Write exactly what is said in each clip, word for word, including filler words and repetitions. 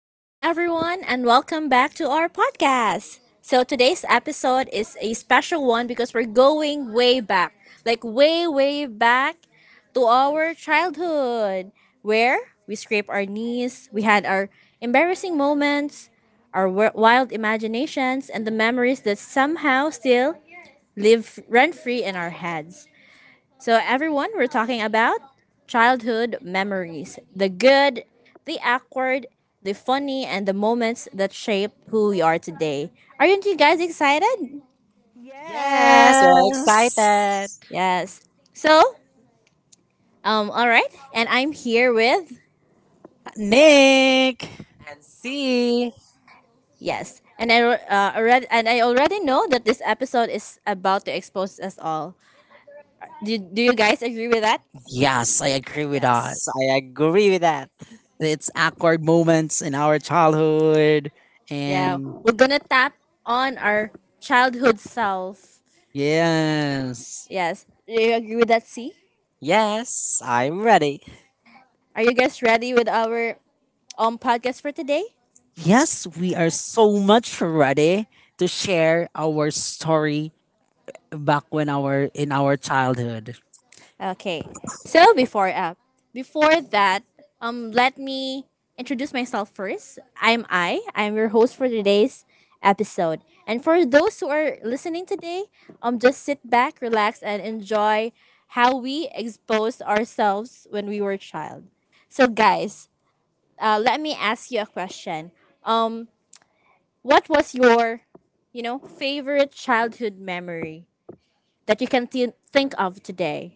What's up, everyone, and welcome back to our podcast. So today's episode is a special one because we're going way back, like, way, way back to our childhood where we scraped our knees, we had our embarrassing moments, our wi- wild imaginations, and the memories that somehow still live rent free in our heads. So, everyone, we're talking about childhood memories, the good, the awkward, the funny, and the moments that shape who we are today. Aren't you guys excited? Yes, we're excited. Yes. Yes. So, um, all right, and I'm here with Nick. And see. yes, and I uh, already and I already know that this episode is about to expose us all. Do, do you guys agree with that? Yes, I agree with that. Yes, I agree with that. It's awkward moments in our childhood. Yeah, And we're gonna tap on our childhood self. yes. Yes, do you agree with that? See? Yes, I'm ready. Are you guys ready with our um podcast for today? Yes, we are so much ready to share our story back when our in our childhood. Okay. So before uh Before that, um let me introduce myself first. I'm I. I'm your host for today's episode. And for those who are listening today, um just sit back, relax and enjoy how we exposed ourselves when we were a child. So guys, uh, let me ask you a question. Um what was your, you know, favorite childhood memory that you can thi- think of today?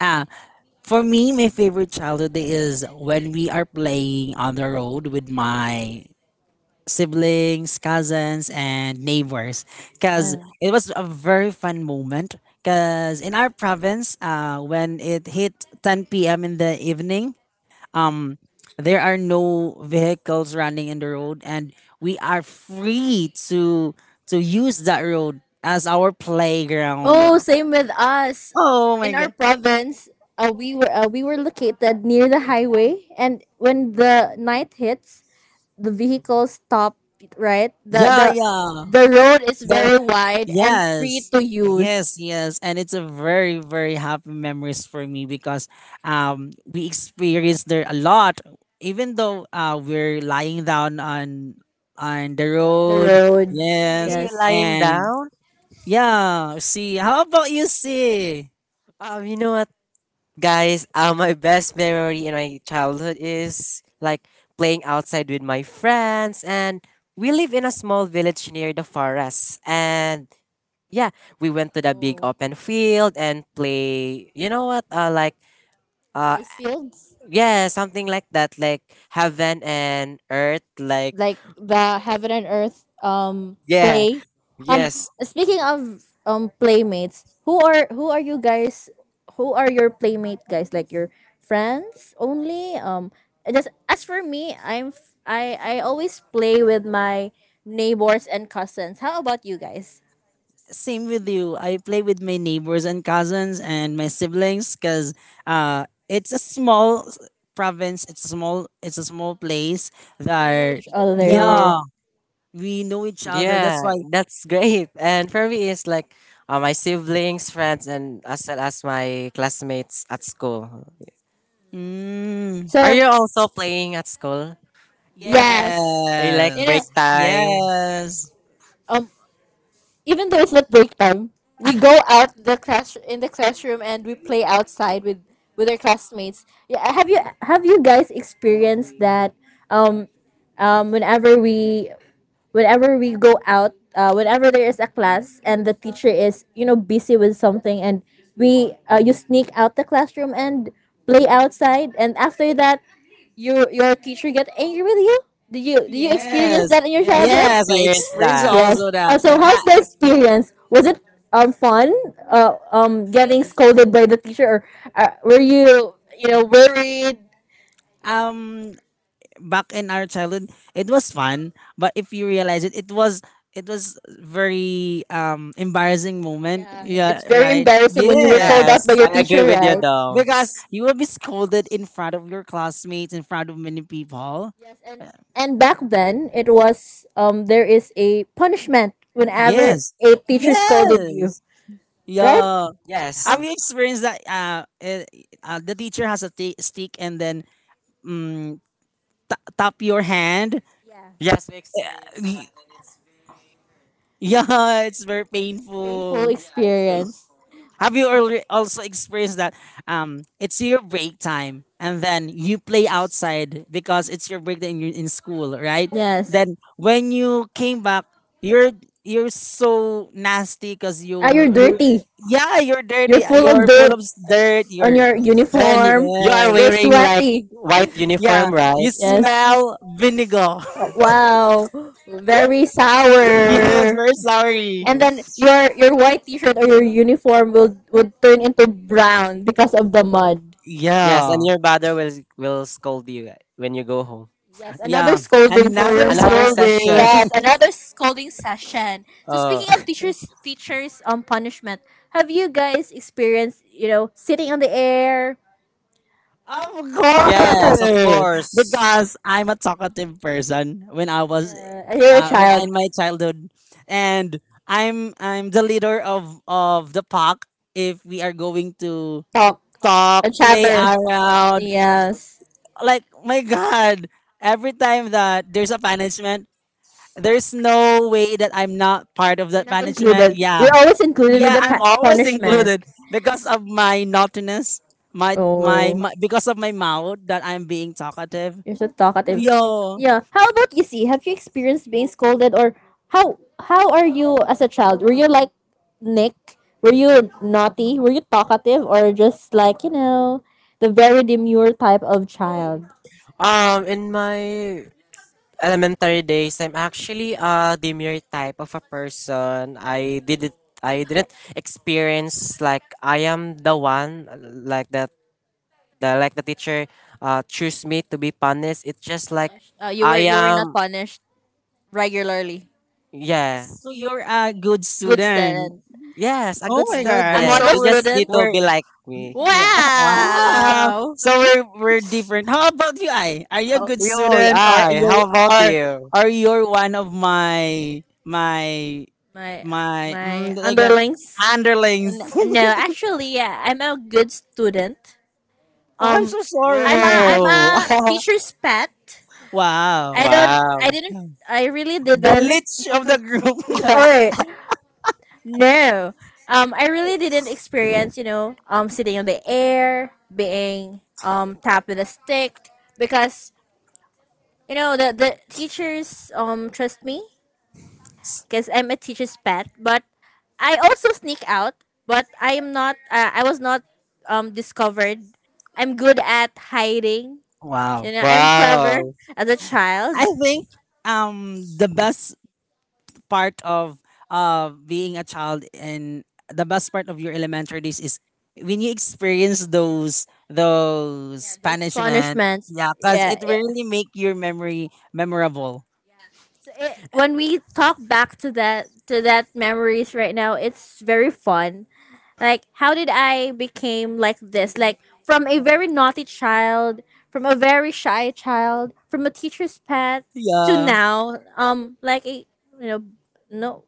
Ah, for me, my favorite childhood day is when we are playing on the road with my siblings, cousins, and neighbors. Because Um, it was a very fun moment. Because in our province, uh, when it hit ten p m in the evening, um, there are no vehicles running in the road, and we are free to to use that road as our playground. Oh, same with us. Oh my In our god! province, uh, we were uh, we were located near the highway, and when the night hits, the vehicles stop. Right, the Yeah, the yeah. yeah. The road is The, very wide and free Yes. to Yes, use. yes. And it's a very, very happy memories for me because um we experienced there a lot. Even though uh we're lying down on on the The the road. road, Yes. Really? You're yes. lying And down? yeah, see, how about you, see? Um, you know what, guys? Uh, my best memory in my childhood is like playing outside with my friends. And we live in a small village near the forest. And yeah, we went to the big Oh, open field and play, you know what, uh, like uh, rice fields. yeah, something like that, like heaven and earth, like Like the heaven and earth um yeah, play. Um, yes, yes. Speaking of um playmates, who are who are you guys who are your playmate guys? Like your friends only? Um, just as for me, I'm f- I I always play with my neighbors and cousins. How about you guys? Same with you. I play with my neighbors and cousins and my siblings because uh it's a small s- province, it's a small it's a small place So you know that each, yeah, other. Yeah. yeah, we know each other. That's yeah, why. that's great. And for me, it's like uh, my siblings, friends, and as well as my classmates at school. Mm, Are So you also playing at school? yes, yes. Are you like You break know, yes. time? Yes. um even though it's not break time, we go out the class in the classroom and we play outside with with our classmates. Yeah, have you have you guys experienced that? Um, um, whenever we whenever we go out, uh, whenever there is a class and the teacher is, you know, busy with something, and we uh, you sneak out the classroom and play outside, and after that, your your teacher get angry with you. Do you do you experience Yes. that in your Yes, we childhood? Yes. I experienced experienced that. Yes. also Uh, that. so Uh, how's the experience? Was it um fun? Uh, um getting scolded by the teacher, or uh, were you, you know, worried? um, Back in our childhood, it was fun. But if you realize it, it was it was very um embarrassing moment. Yeah, Yeah. it's very Right. embarrassing when you were Yes. called out by Yes, your I agree teacher, with you, right? Dom. Because you will be scolded in front of your classmates, in front of many people. Yes, and and back then it was um there is a punishment whenever Yes. a teacher scolded you, Yes. right? Yeah. Yeah, Yes, Have you experienced that? Uh, eh, uh the teacher has a t- stick, and then, mm, ta- tap your hand. yes, we experienced that. Y- Yeah, it's very painful painful. experience. Have you alre- also experienced that? Um, it's your break time, and then you play outside because it's your break time in, in school, right? Yes. Then when you came back, you're you're so nasty because you Ah, you're you dirty. yeah, you're You're dirty. full of You're full of dirt s- dirt. on You're your Then y- uniform. you are Yes. You're wearing like sweaty. white Yeah, uniform, you right? Yes. smell vinegar. Wow. Very Yes, sour. very sorry. And then your your white t-shirt or your uniform will would turn into brown because of the mud. Yes, and Yeah, your mother will will scold you eh, when you go home. Yes, another yeah. scolding for Another your Another mom. session. scolding. Yes, another scolding session. So speaking of Oh. teachers teachers um punishment, have you guys experienced, you know, sitting on the air? Of Yes, of course, course. because I'm a talkative person when I was Yeah, and you're a uh, when I child. in my childhood, and I'm I'm the leader of of the pack. If we are going to Talk. A, talk, yes, play chatter. around, Yes. like my God, every time that there's a punishment, there's no way that I'm not part of You're that not, yeah, management. included. Yeah. You're always included with, Yeah, yeah, the I'm pa- always punishment. included because of my naughtiness, my, my Oh, my because of my mouth that I'm being talkative. you're so talkative. Yo. Yeah. How about you see? Have you experienced being scolded, or how how are you as a child? Were you like Nick? Were you naughty? Were you talkative or just like, you know, the very demure type of child? Um, in my elementary days, I'm actually a demure type of a person. I didn't I didn't experience like I am the one uh, like that the like the teacher uh choose me to be punished. It's just like Punished. Uh, you were I you were not am punished regularly. yeah. So you're a good Good student. student. Yes, a Oh good my Yeah. I'm god. So student. also You we're, just need student. to we're be like me. yeah. Wow. Wow. So we're we're different. How about you, I? Are you a Oh, good yo, student, or I. you How about are you? are you're one of my, my My my mm, my like, a underlings. underlings? N- No, actually, yeah, I'm a good student. Oh, I'm Um, so I'm a sorry. I'm Whoa! a teacher's pet. Wow. I don't. I Wow! didn't. I really The didn't. lich of the group. Or no. Um, I really didn't experience, you know, um, sitting on the air, being um tapped with a stick because you know, the the teachers um trust me because I'm a teacher's pet, but I also sneak out, but I am not uh, I was not um discovered. I'm good at hiding. You Wow. know, I'm clever Wow! as a child. I think um the best part of uh being a child and the best part of your elementary days is when you experience those Yeah, those those punishment. punishments. Yeah, because Yeah, it yeah. really make your memory memorable. So it, when we talk back to that to that memories right now, it's very fun. Like how did I became like this? Like from a very naughty child, from a very shy child, from a teacher's pet to Yeah. now, um, like a, you know, no,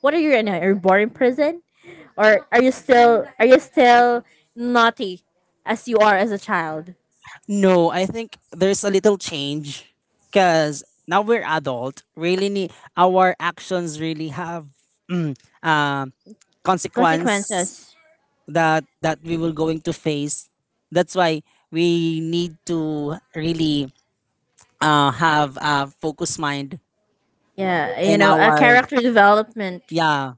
what are you right now? Are you born in prison, or are you still are you still naughty as you are as a child? No, I think there's a little change because now we're adult. Really, need, our actions really have, mm, uh, consequence Consequences. that that we will going to face. That's why we need to really, uh, have a focused mind Yeah, you in know, a our, character development. yeah,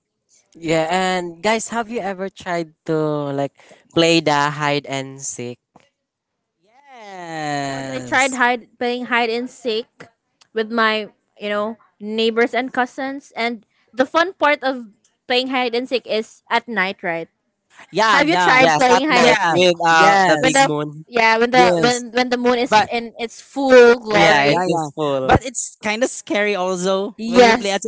Yeah, and guys, have you ever tried to like play the hide and seek? Of course, I tried yes, hide playing hide and seek with my, you know, neighbors and cousins. And the fun part of playing hide and seek is at night, right? yeah, Have you yeah. tried Yes, at playing hide night and Yes, seek without the when big yes, the moon. yeah when the yes, when when the moon is but, in its full Yeah, glory? yeah, it's yeah, useful. but it's kind of scary also when you play at, Yes,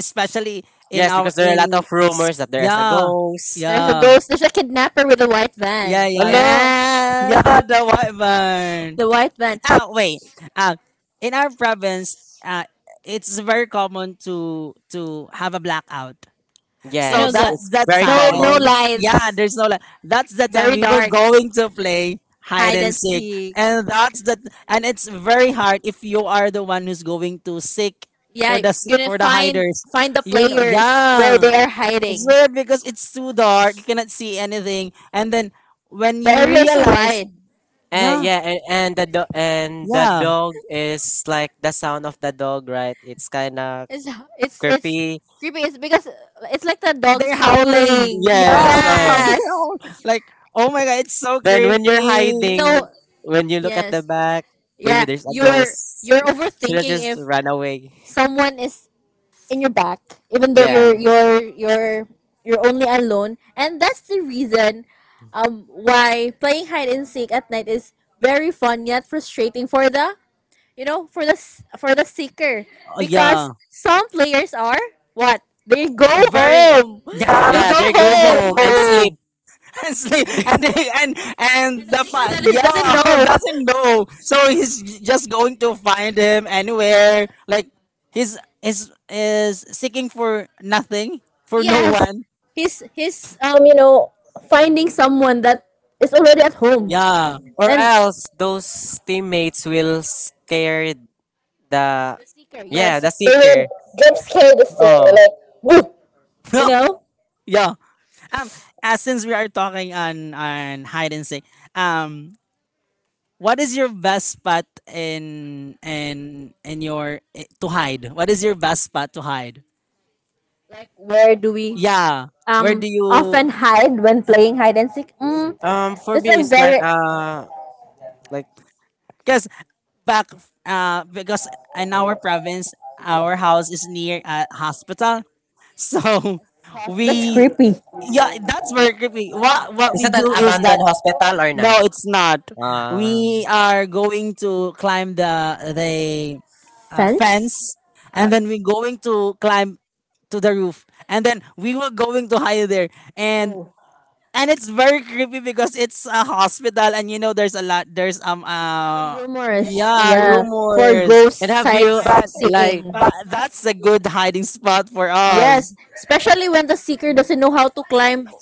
especially in Yes, our, because there are a lot in of s- rumors that there's a yeah, ghost. there's a yeah, ghost. There's a kidnapper with a white yeah, van. yeah, yeah, Hello. yeah, Yeah, the white barn. the white van. Oh wait, uh, in our province, uh, it's very common to to have a blackout, You so know Yes, the that's it's the very no no yeah, yeah, time, common. yeah, there's lights, no, li- that's the time very we were dark, going to play hide hide hide and and and seek, seek seek. and that's the and it's very hard if you are the one who's going to seek Yeah, for the s- you're gonna for the find hiders, find the you know players where yeah. they are It's hiding. weird because it's too dark. You cannot see anything. And then when The you area is, yeah, so yeah, realize, wide. And yeah, yeah, and, and the do- and the yeah, dog is like the sound of the dog, right? It's kind of It's it's it's creepy. creepy. Creepy. It's because uh, it's like the dogs, they're they're howling. howling. Howling. Yeah, Yes. they're Oh. Yes, howl- like, oh my god, like, it's so Then when you're creepy. it's hiding, so when you look at the yes. back, maybe Yeah, there's a you're ghost. you're So let's overthinking just if run away. someone is in your back, even though yeah, Yeah. you're you're you're you're only alone, and that's the reason um why playing hide and seek at night is very fun yet frustrating for the, you know, for the s- for the seeker. Yeah, Oh, because yeah, some players are what, they go very. home, yeah, they Yeah, Yeah, go they they go go home, home and home sleep. and sleep, and they, and and and the the seeker fa- that is, yeah, doesn't yeah, know. doesn't know. So So he's j- just going to find him anywhere. Like, he's is is seeking for nothing, for no yes, one. he's he's um you know, finding someone that is already at home, Yeah. Or and else those teammates will scare the the seeker. yeah, Yes, the they will seeker. jump scare the seeker, Oh. like, "Boo!" You No, know, yeah. Um, uh, since we are talking on on hide and seek, um, what is your best spot in in in your, eh, to hide? What is your best spot to hide? like, where do we Yeah, where um do you? often hide when playing hide and seek? Mm, Um for that's me a it's like very, uh like Because back, uh, because in our province, our house is near a hospital, so that's we creepy, yeah, that's very creepy. What what is we it an do is that. abandoned hospital or not? No, it's not. Uh We are going to climb the the uh, fence. fence, and then we're going to Uh, climb to the roof, and then we were going to hide there, and and it's very creepy because it's a hospital, and you know there's a lot there's, um A lot of uh rumors, yeah, yeah, yeah, for rumors, rumors, ghost and have you sights but like seeing. but that's a good hiding spot for Yes, us. especially when the seeker doesn't know how to climb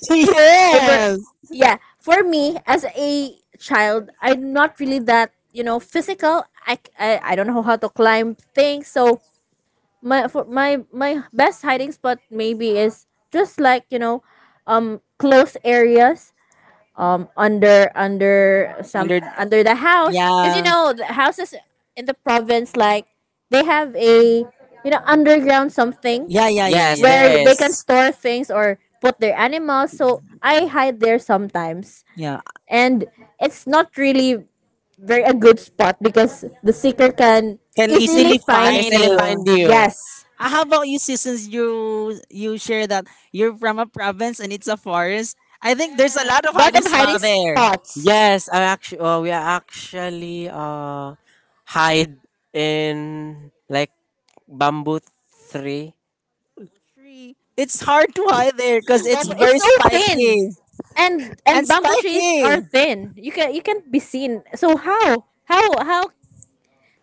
over. Yes, Yeah, for me as a child, I'm not really that, you know, physical. I, c- I, I don't know how to climb things, so my for my my best hiding spot maybe is just like, you know, um close areas um under under some under under the house because, you yeah, know, the houses in the province, like, they have a, you know, underground something yeah, yeah, yeah, yes, yeah, where there they can, yes, is. store things or put their animals, so I hide there sometimes yeah, and it's not really very a good spot because the seeker can can easily easily Can find find easily you. find you. You, you. yes, Uh, how about you, sis, since you you share that you're from a province and it's a forest? I think there's a lot of lot hiding of hiding spot there. spots. Yes, I actually uh, we are actually uh hide in like bamboo tree. Tree. It's hard to hide there because it's Bamboo, it's very so spiky thin, and and and bamboo trees spiky. are thin. You can you can't be seen. So how how how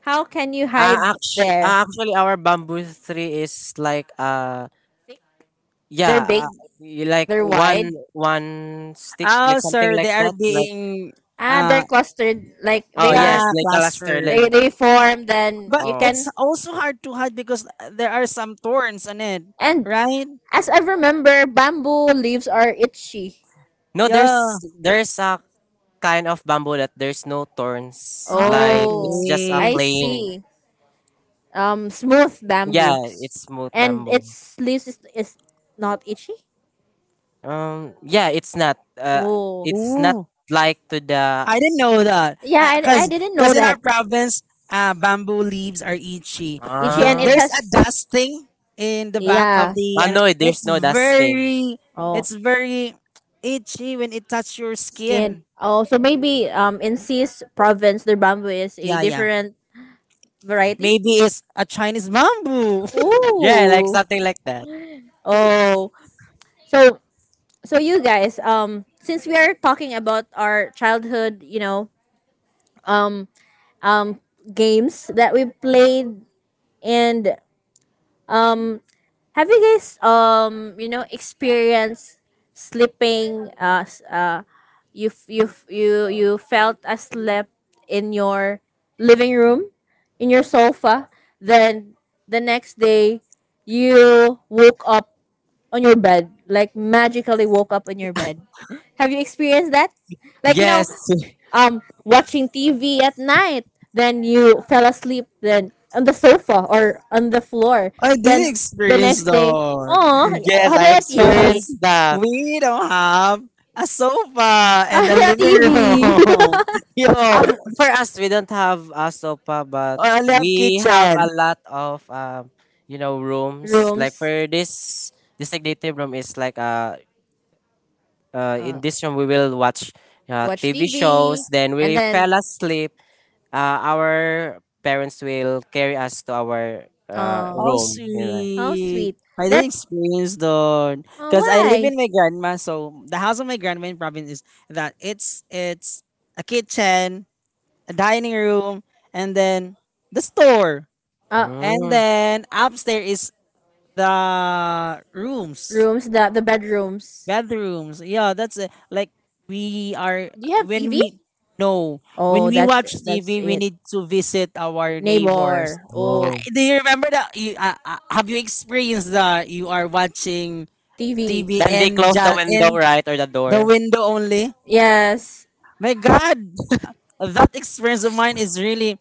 how can you hide Uh, actually, there? actually our bamboo tree is like uh Thick. They're yeah uh, big. y- like They're one wide. one stick Oh, like something sir, they like are that like being, Ah, they're uh clustered. Like oh they are. yes yeah, like a luster like They clustered, they form. Then but you oh it's can, also hard to hide because there are some thorns on it, and right? as I remember, bamboo leaves are itchy. no Yeah. there's there's a kind of bamboo that there's no thorns like Oh, it's just a Okay. I plain see. Um, smooth yeah bamboo, it's smooth and bamboo. its leaves is, is not itchy. Um, yeah, it's not. Uh, Oh, it's not Ooh. like to the. I didn't know that. yeah, I, I Because didn't know cause in our that. province, uh, bamboo leaves are itchy. Ichi are The, and Ah, it There's a has dust thing in the back yeah. of Bambi. the, ah, and no, there's it's no dust thing. very Oh, it's very itchy when it touches your skin. skin. Oh, so maybe um in Cis province their bamboo is a Yeah, yeah. different variety. Yeah, Maybe it's a Chinese bamboo. like, Yeah, like ooh, like, something like that. oh, so so you guys, um, since we are talking about our childhood, you know, um, um, games that we played, and um, have you guys um you know experienced sleeping uh s- uh you f- you f- you you felt asleep in your living room in your sofa then the next day you woke up on your bed, like, magically woke up on your bed, have you experienced that, like, you know, Yes. yes, um watching T V at night. Then you fell asleep then on the sofa or on the floor. I didn't Then the experience next day, that. oh, how Yes, I about you, Z? Because experienced that. we don't have a sofa and a living T V room. Yo, Um, for us, we don't have a sofa, but or a lab we have a kitchen. lot of um, you know, rooms. Like rooms, for this designated room is like uh, uh, uh, in this room we will watch uh, watch T V T V, shows. Then and we then fell asleep. Uh, our parents will carry us to our uh, uh, How room. You know. how sweet. sweet. I didn't That's experience though, uh, because I live why in my grandma. So the house of my grandma in province is that it's it's a kitchen, a dining room, and then the store, uh, and Oh, then upstairs is the rooms, rooms, the the bedrooms. bedrooms. Yeah, that's it. Like we are Do you have when T V? we no, when Oh, we watch that's that's T V, we it. need to visit our neighbors. Neighbor. Oh, oh. Do you remember that? You, uh, uh, have you experienced that you are watching T V. T V Then they and close the ja- window, in right, or the the door. window only? Yes, My God, that experience of mine is really,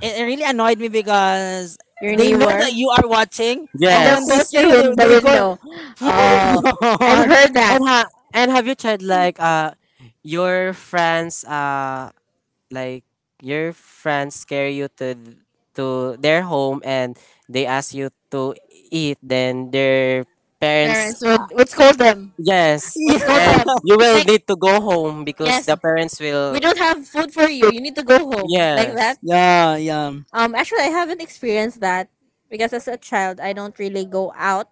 it, it really annoyed me because your they know that neighbor, you are watching, and but they'll when they close Yes. see your you, win- they, the they go, window. my Oh, I've God! heard that And ha- and have you tried like uh your friends uh like your friends carry you to th- to their home and they ask you to eat then their parents parents would would scold them, yes would Yeah, scold and them. you will Like, need to go home because the yes, parents we will don't have food for you. You need to go home like that. yes. yeah, yeah. Um, actually, I haven't experienced that because as a child, I don't really go out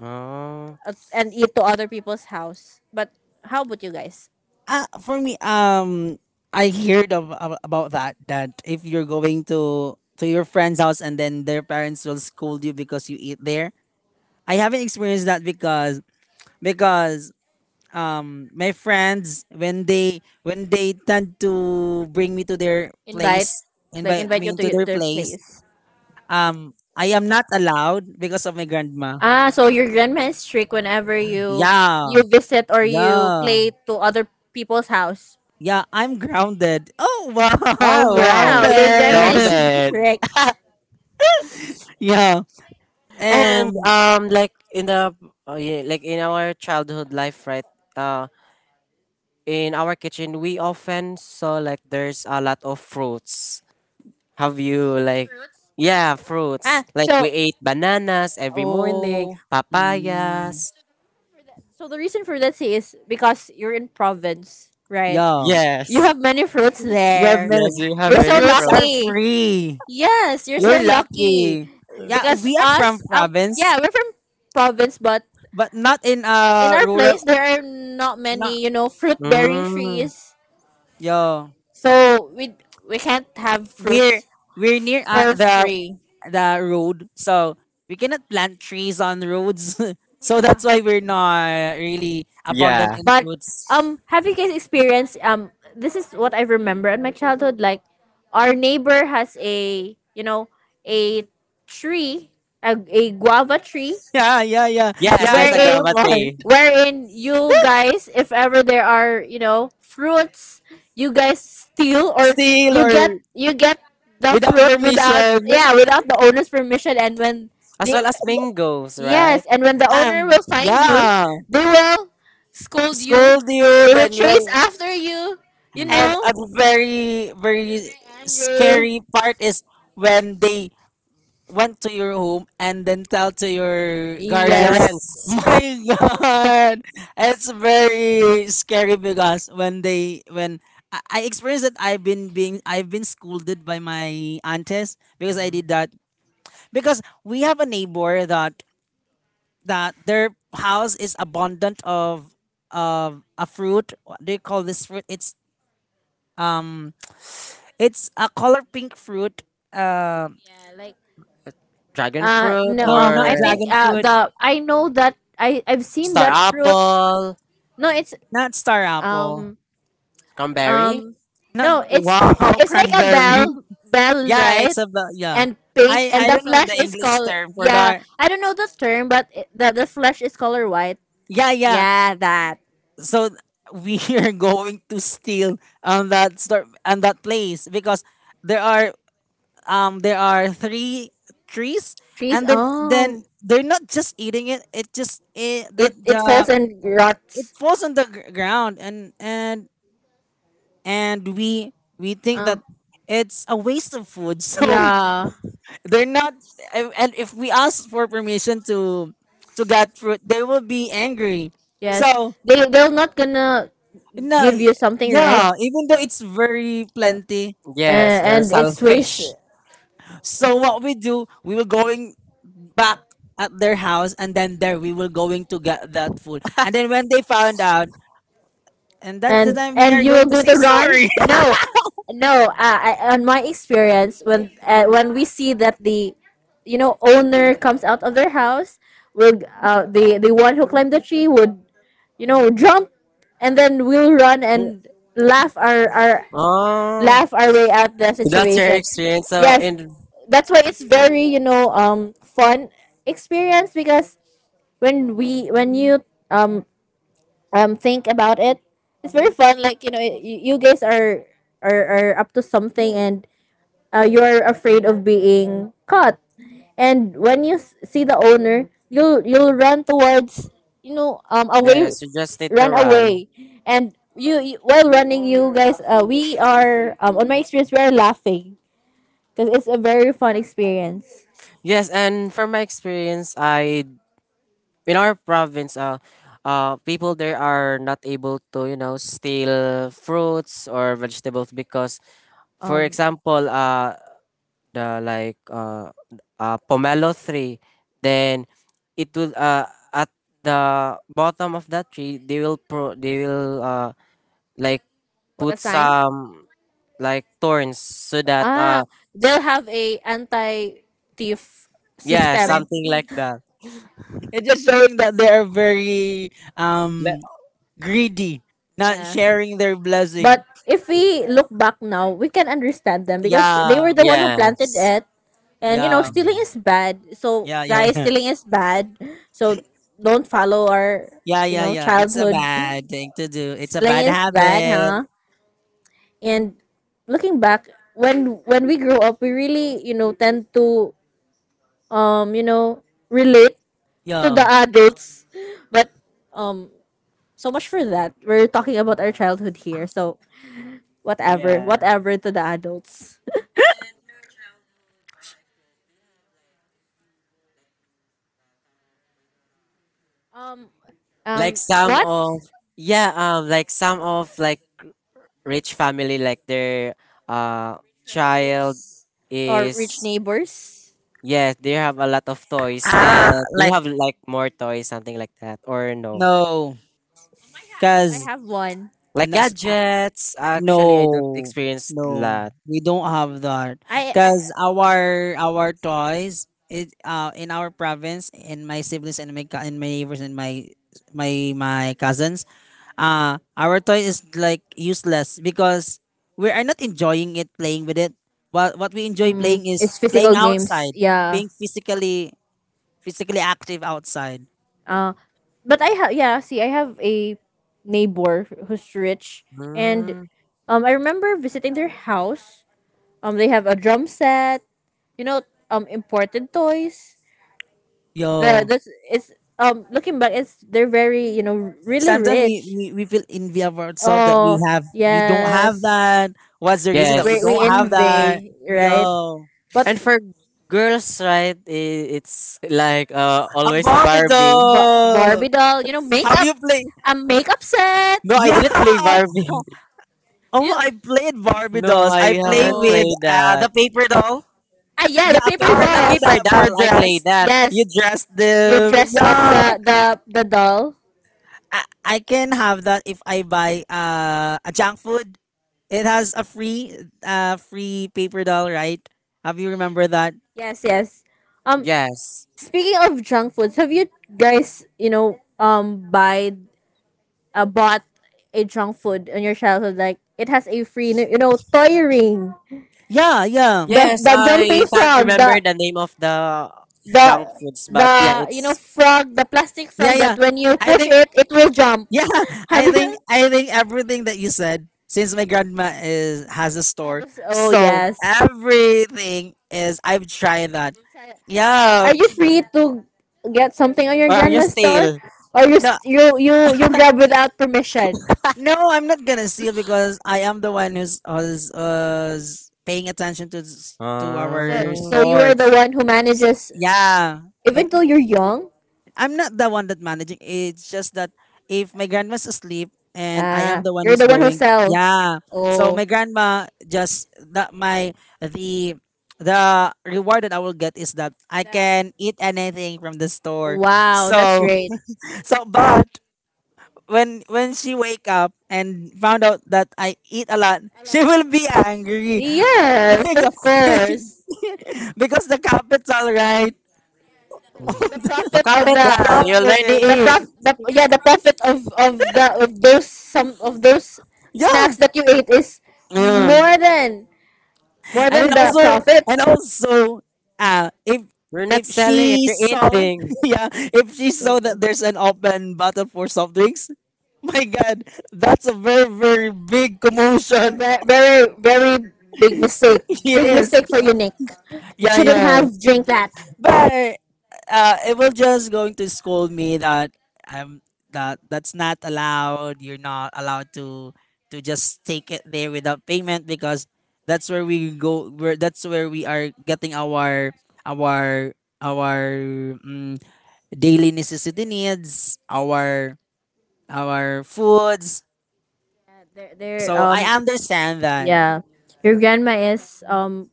Oh. at- and eat to other people's house. But how about you guys? Uh, for me, um, I heard of, ab- about that. That if you're going to to your friend's house and then their parents will scold you because you eat there, I haven't experienced that, because because um my friends, when they when they tend to bring me to their Invite, place like, invite invite me you to to your, their their place, place. um I am not allowed because of my grandma. Ah, so your grandma is strict whenever you Yeah. you visit or you Yeah. play to other people's house. Yeah, I'm grounded. Oh Wow, wow, Wow, wow. your grandma is grounded. Grounded. strict. Yeah. And Um um like in the uh, yeah, like in our childhood life, right? Uh in our kitchen we often saw like there's a lot of fruits. Have you like Fruits. yeah, fruits. Ah, Like we so, ate bananas every morning, oh, mm, papayas. for that- so the reason for that say is because you're in province, right? yeah. You Yes. have many fruits You have there. many Yes, we have You're The so many fruits are fruits. lucky. free. Yes, you're You're so lucky. lucky. Yeah, Because we are from us, um, province, yeah, we're from province, but but not in in uh our rural. place there are not No, many, you know, fruit bearing Mm. trees. yo So we we can't have we're fruits we're near, uh, for the free. the road, so we cannot plant trees on roads. So that's why we're not really abundant Yeah. in But fruits. um, have you guys experienced um? This is what I remember in my childhood. Like, our neighbor has a you know a tree, a, a guava tree Yeah, yeah, yeah, Yes, yeah, I there's a get your wherein guava point. tree. wherein you guys, if ever there are you know fruits, you guys steal or Steal you or get you get the without fruit without, permission, yeah, without the owner's permission. And when As the well as mangoes, right? yes, and when the owner um will find you, yeah, they will scold you, scold you, they will then you chase will. after you, you And Mm. a know, very, very angry. scary part is when they went to your home and then tell to your guardians, Parents. Yes, my God, it's very scary because when they when I, I experienced that I've been being I've been scolded by my aunties because I did that, because we have a neighbor that that their house is abundant of of a fruit. What do you call this fruit? It's um it's a color pink fruit. Uh, yeah, like Dragon Uh, fruit no, no, or um, not I think dragon uh, fruit, the I know that I I've seen star that fruit. apple, No, it's not star apple. um cranberry. um Not no, it's wow, it's like a cranberry. bell bell Yeah, right, it's about, yeah. and pink, I and I the don't know flesh the is English color. term for Yeah, that. I don't know the term, but it, the the flesh is color white. Yeah, yeah. Yeah, that So th- we are going to steal on that store on that place because there are um there are three trees, trees. and then then Oh, they're not just eating it. It just it, the it it the falls and it rots. falls on the gr- ground, and and and we we think that Um, it's a waste of food. So yeah, they're not, and and if we ask for permission to to get fruit, they will be angry. yes, So they they're not gonna no, give you something, yeah, right? even though it's very plenty, Yes, Uh, Yes, they're there's, and it's waste, selfish. something. so what we do, we will going back at their house, and then there we will going to get that food, and then when they found out, and that's the and time and we and are you very going will to do the say to run. sorry. Self-serious. No, no. Uh, I, on my experience, when uh, when we see that the, you know, owner comes out of their house, will uh, the the one who climbed the tree would, you know, jump, and then we'll run and laugh our our Oh, laugh our way out the that's your situation. experience. So Yes, in that's why it's very, you know, um fun experience, because when we when you um um think about it, it's very fun. Like, you know, y- you guys are are, are up to something, and uh, you're afraid of being caught, and when you s- see the owner, you'll you'll run towards, you know, um away, yes, you just need to run run. away. And you, you while running, you guys, uh, we are, um on my experience, we are laughing because it's a very fun experience. Yes, and from my experience, I in our province, uh, uh, people there are not able to you know steal fruits or vegetables because for um example, uh, the like uh, uh pomelo tree then it will uh at the bottom of that tree they will pro they will uh like what put a sign. some like thorns so that uh Ah, they'll have a anti thief yeah system. something like that It's just showing that they are very Le- um greedy, not Yeah. sharing their blessing. But if we look back now, we can understand them because they were Yeah, the one who planted yes it. And you know, yeah. stealing is bad. So Yeah, yeah, guys, yeah. stealing is bad. So don't follow our, Yeah, you yeah, know, yeah. It's a childhood. bad thing to do. It's a Stealing bad is bad, habit. huh? And looking back, when when we grow up, we really, you know, tend to um you know, relate to the Yo. adults, but um so much for that. We're talking about our childhood here, so whatever. Yeah. Whatever to the adults. Um, um, like Next. some What of yeah um like some of like rich family like their uh child relatives or rich is. neighbors? Yes, they have a lot of toys and Ah, they Like, have like more toys, something like that, or no? no. I have, I Because have one. Like gadgets. Actually, I don't no, experience no, that. we don't have that. I, I Cause Because our our toys, it uh in our province, in my siblings and my co- and my neighbors and my my my cousins, uh our toy is like useless because we are not enjoying it playing with it. What what we our, enjoy um, playing is it's playing physical games. outside, Yeah. being physically physically active outside. Uh, but I have, yeah. See, I have a neighbor who's rich, and Mm, um, I remember visiting their house. Um, they have a drum set. You know, um, imported toys. The Yo, this It's, um looking back, it's they're very, you know, really sometimes we, rich. we, we feel envy of ourselves that we Oh have we don't have yes, that. What's the reason that we we we yes, don't have that? envy, right? Yo, but and for girls, right? i- It's like uh, a always Barbie Barbie. but Barbie doll. doll, you know, Have makeup, you played? a makeup set. No, I didn't Yeah. play Barbie. Oh, You? I played Barbie No, dolls. I I play haven't with Oh, played uh, that. the paper doll. ah, yeah, Yeah, the a paper Oh, paper the doll dolls. paper that for doll. I played dress. that. You Yes, dress you them. dress up Yeah. the the the doll. I, I can have that if I buy uh, a junk food. It has a free uh free paper doll, right? Have you remember that? Yes, yes, um Yes, speaking of junk foods, have you guys, you know, um buy, uh, bought a junk food in your childhood, like it has a free, you know, toy ring, Yeah, yeah, the yes. the I jumping can't frog, remember the the name of the the junk foods, but the, yeah, you know, it's frog, the plastic yeah, frog yeah. that when you I push think, it, it will jump. yeah, Have I think, you? I think everything that you said, since my grandma is has a Have store, you- oh so yes. everything is. I've tried that. Yeah, Are you free to get something on your or are you grandma's store, still? or you no, s- you you you grab without permission? no, I'm not gonna steal because I am the one who's who's, who's paying attention to s- to Uh, so our Ah. so you store. are the one who S- manages, Yeah, even when though you're young. I'm not the one that managing. It's just that if my grandma's asleep and I am Ah, the one you're who's the one who going, sell. yeah. So Oh, my grandma just that my the the reward that I will get is that I that, can eat anything from the store. wow, that's so So great. so but when when she wake up and found out that I eat a lot, she will be angry Yes, of because, course. because the capital, right? The profit The of the The capital, you already profit. the eat. prof the yeah, the profit of of the of those, some of those snacks that you ate is, yeah, Yeah. more than more and than then the also profit. and also uh if You're not if selling it, she you're saw eating. yeah if she saw that there's an open bottle for soft drinks, my god, that's a very very big A commotion. ve- very very big mistake. Big, yes, Yes, mistake for you, Nick. You yeah, shouldn't yeah. have drink that. But uh, it will just going to scold me that I'm that that's not allowed. You're not allowed to to just take it there without payment because that's where we go. Where that's where we are getting our our our mm, daily necessity needs, our our foods. They're, they're So I um understand that yeah. Your grandma is um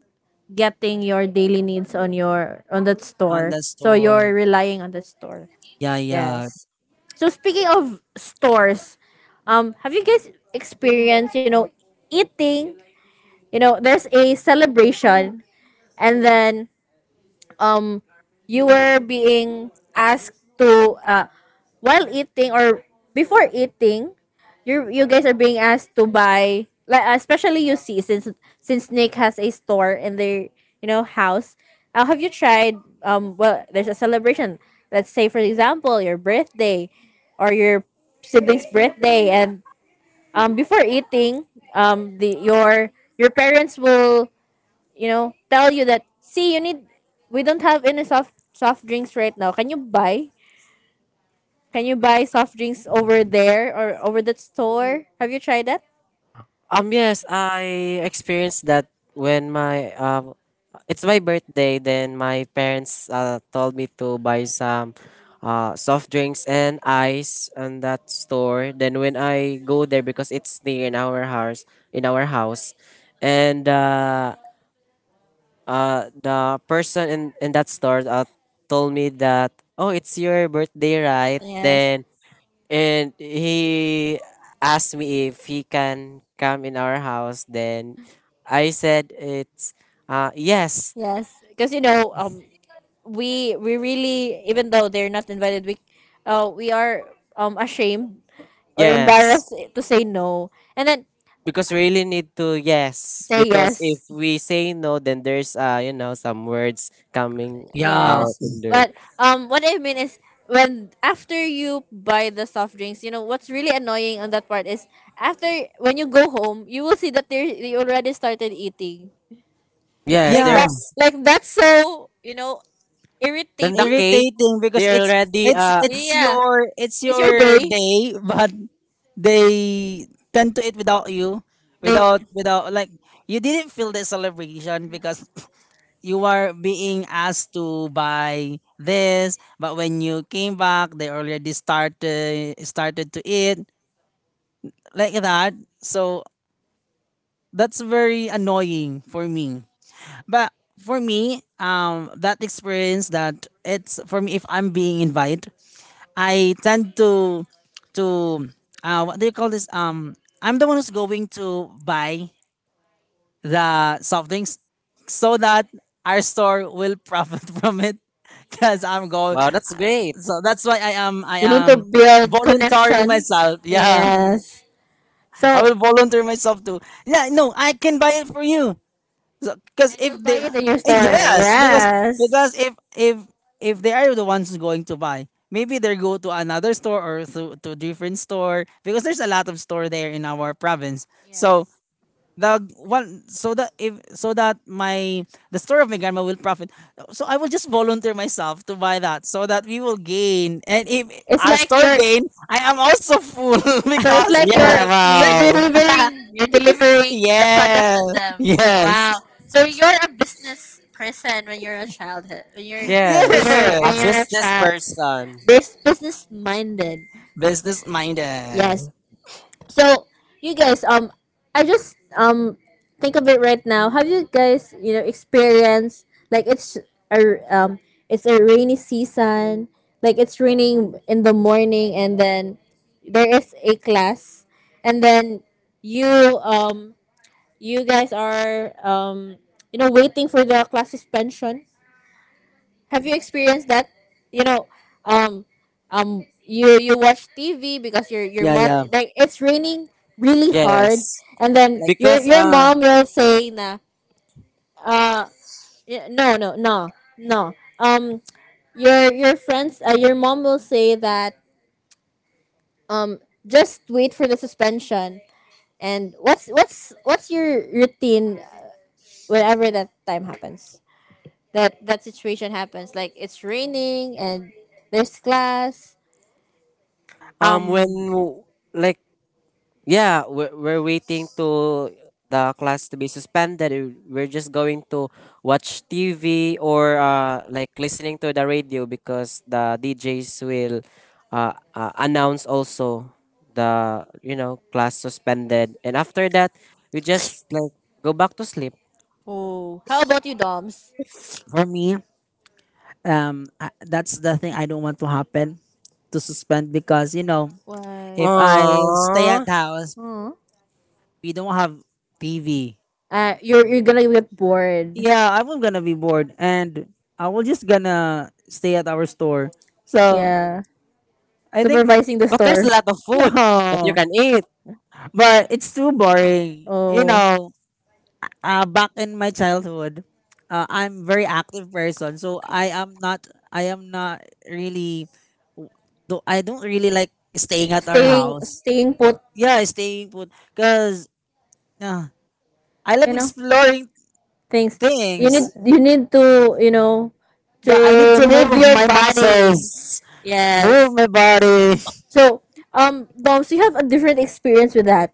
getting your daily needs on your, on that on store. the So store. you're relying on the store. Yeah, yeah, Yes. So, speaking of stores, um, have you guys experienced, you know, eating, you know, there's a celebration, and then um you were being asked to uh while eating or before eating, you you guys are being asked to buy, like, especially you see, since since Nick has a store in their, you know, house. Uh, have you tried, um well, there's a celebration, let's say, for example, your birthday or your sibling's birthday, and um before eating, um the your your parents will, you know, tell you that, see, you need, we don't have any soft soft drinks right now. Can you buy? Can you buy soft drinks over there or over that store? Have you tried that? Um, yes, I experienced that when my, um, it's my birthday, then my parents uh, told me to buy some uh, soft drinks and ice on that store. Then when I go there, because it's near in our house, in our house, and uh, uh, the person in, in that store uh, told me that oh it's your birthday right Yes. then and he asked me if he can come in our house then I said it's uh, yes Yes. Because you know, um we we really, even though they're not invited, we uh we are, um ashamed or yes embarrassed to say no. And then because we really need to yes say because if yes. we say no then there's uh you know some words coming Yeah. yeah, out Yes. in there But um what I mean is, when after you buy the soft drinks, you know what's really annoying on that part is, after when you go home, you will see that they they already started eating. yes Like yeah. that. Yes. there's Like that's so, you know, then the irritating. cake Irritating they because it's already it's uh it's Yeah. your it's It's your your day. day, but they tend to eat without you They, you, without without like, like you didn't feel the celebration because you are being asked to buy this but when you came back they already started started to eat like that, so that's very annoying for me. But for me, um, that experience that it's for me if I'm being invited, I tend to to uh, what do you call this? Um, I'm the one who's going to buy the soft drinks so that our store will profit from it because I'm going. wow that's great. So that's why I am I need, um to am build volunteering connections. myself. Yeah. Yeah, Yes. I So, will volunteer myself to. Yeah, no, I can buy it for you. So, because and if you buy they, it in your store. yes, because Yes. because if if if they are the ones going to buy maybe they go to another store or to, to different store because there's a lot of store there in our province, Yes. So so yes. the one so that if so that my the store of my grandma will profit, so I will just volunteer myself to buy that so that we will gain, and if It's our like store you're, gain, I am also full so it's because like Yeah, you're I you're eat. wow. delivering, you're delivering the product to Yes, them. Wow. yes, So you're a business person when you're a childhood, when you're when Yes, you're a when yes, you're a business child. person. This business minded. business Yes. minded. So, you guys, um, I just um think of it right now. Have you guys, you know, experienced like, it's a, um it's a rainy season, like it's raining in the morning, and then there is a class, and then you um you guys are, um you know, waiting for the class suspension. Have you experienced that? You know, um, um, you you watch T V because your your Yeah, mom, yeah. like, it's raining really hard. Yes. Yes, And then Like your because your uh mom will say, na, uh y- no no no, no, um your your friends, uh, your mom will say that, um just wait for the suspension. And what's what's what's your routine whenever that time happens, that that situation happens, like it's raining and there's class. um when um w- like yeah we're, we're waiting to the class to be suspended. we- We're just going to watch T V or uh like listening to the radio because the D Js will uh, uh announce also the you know class suspended and after that we just like go back to sleep. Oh, how about you, Doms? for me, um, I, that's the thing I don't want to happen, to suspend because you know, if Why? I stay at Aww. house, Hmm. we don't have T V. Uh, you're you're gonna get bored. Yeah, I'm gonna be bored and I will just gonna stay at our store. So Yeah. I think Supervising the But there's a store. lot of food that you no, can eat. but it's too boring. You Oh. know, uh, back in my childhood, uh, I'm very active person. So I am not I am not really do I don't really like staying at our Staying, house. staying put, Yeah, staying put because uh, I you love know. exploring Things. You need, things. you need to, you know, Yeah, I need to to move move your my body. muscles, move Yes. my body. So, um, Doms, you have a different experience with that.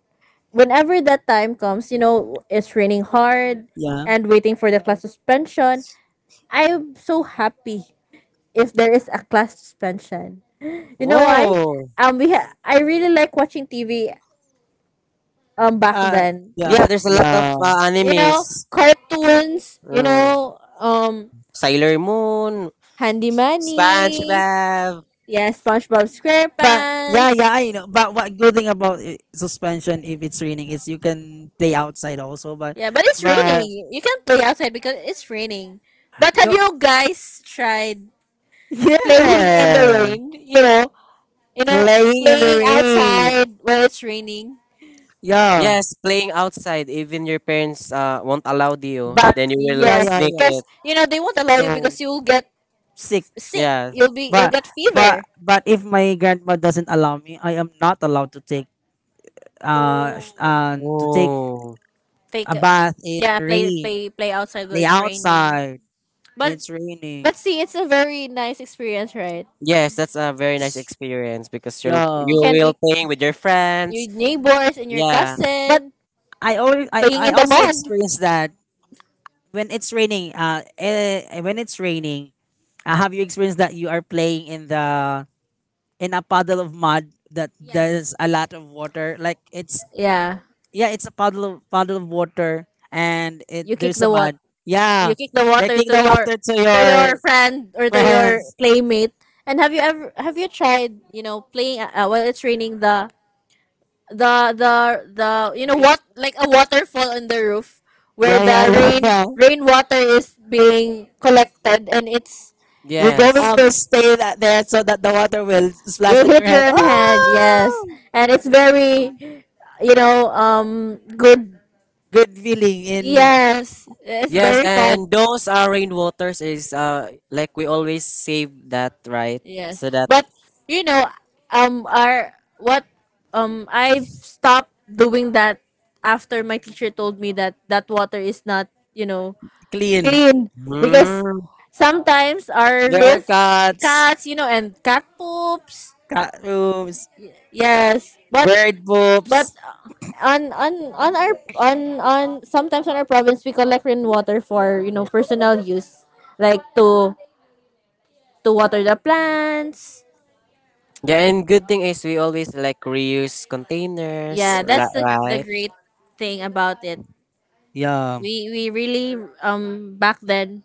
Whenever that time comes, you know, it's raining hard, Yeah. and waiting for the class suspension. I'm so happy if there is a class suspension. You know why? Oh, Whoa. Um, we ha- I really like watching T V. Um, back uh, Uh then, yeah. Yeah, there's a lot of Yeah. uh, you know, animes. nice cartoons. You Mm. know, um, Sailor Moon, Handy Manny, SpongeBob. SpongeBob. Yeah, SpongeBob. Yeah, yeah, yeah. But yeah, SquarePants. yeah, I know. But what good thing about i- suspension if it's raining is you can play outside also. But Yeah, but it's but raining. You can't play outside because it's raining. But have no, you guys tried playing, yeah, in the yeah, rain? You know, you know, playing in the playing rain. outside when it's raining. Yeah, Yes, playing outside. Even your parents uh, won't allow you. but Then Yes, you yeah, will yes, yeah, sneak yeah. because it. you know they won't allow you No, because you'll get sick. sick. Yeah. You'll be, you'll But get but fever. but if my grandma doesn't allow me, I am not allowed to take uh sh- um to take Oh. Take a a- bath in yeah, play rain. play play outside when Lay it's raining. outside when it's But raining. but see, it's a very nice experience, right? Yes, that's a very nice experience because you'll Yeah, you You can, you, will playing with your your friends. neighbors and your Yeah. but cousin, I always I playing I in the also mud. experience that when it's raining. Uh, eh, when it's raining, uh, have you experienced that you are playing in the in a puddle of mud that there's Yes. a lot of water. Like it's Yeah. yeah, it's a puddle of puddle of water and You it kick there's a the water. mud. Yeah. You kick the I They water kick to the your, water to to your your friend or to your friends. playmate. And have you ever, have you tried, you know, playing, uh, uh, while it's raining, the the the the you know Re- what, like a waterfall on the roof, where Yeah, yeah, the yeah, rain yeah. rainwater is being collected and it's, You're going Yes. um to stay that there so that the will water will splash slide, on your hit head. your own from hand, yes, Oh, and it's very, you know, um good. good feeling in Yes, it's Yes, very fun. and those uh rainwaters is uh like we always save that, right? Yes, So that but, you know, um, our what, um, I've stopped doing that after my teacher told me that that water is not, you know, clean. clean, because Mm. sometimes our There are roof, cats, cats, you know, and cat poops. cat rooms, Yes, but bird but poops. uh, on on on our on on sometimes on our province, we collect rainwater for, you know, personal use, like to to water the plants. Yeah, and good thing is we always like reuse containers, Yeah, la- that's the the right? great thing about it. Yeah. We we really, um back then,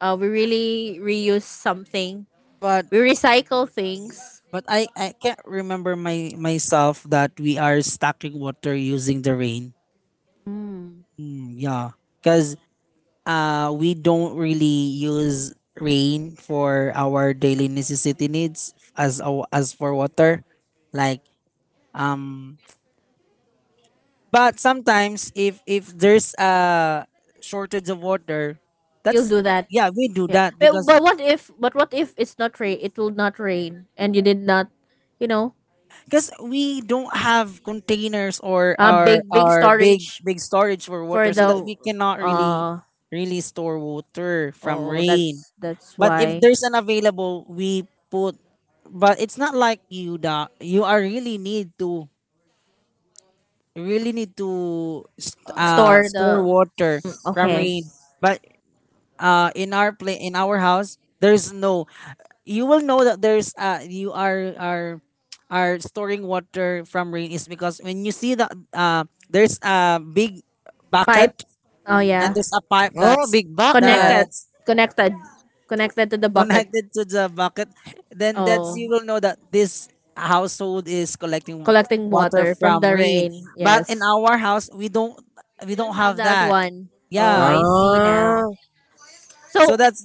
uh we really reuse something. But We recycle things. But I, I can't remember my myself that we are stocking water using the rain. Mm. Mm, yeah, because uh, we don't really use rain for our daily necessity needs as ou- as for water, like um. But sometimes if if there's a shortage of water, You'll that's do that. yeah we do Yeah. that Well, because but what if, but what if it's not rain? It will not rain, and you did not, you know, because we don't have containers or uh our big big our big storage big storage for for water so that the we cannot really uh really store water from oh, rain, that's that's but if why, there's an available we put, but it's not like you da you are really need to really need to st- uh store store the, water mm, from okay, rain. But uh, in our play in our house there's no, you will know that there's uh you are are are storing water from rain is because when you see that uh there's a big bucket pipe. Oh and yeah. there's a pipe Oh, that's big bucket. connected that's connected connected to the bucket. connected to the bucket, then that's you Oh, will know that this household is collecting collecting water water from from the rain. rain, But in yes. our house we don't we You don't don't have have that that, one. Oh, yeah. I see now. Ah, So so that's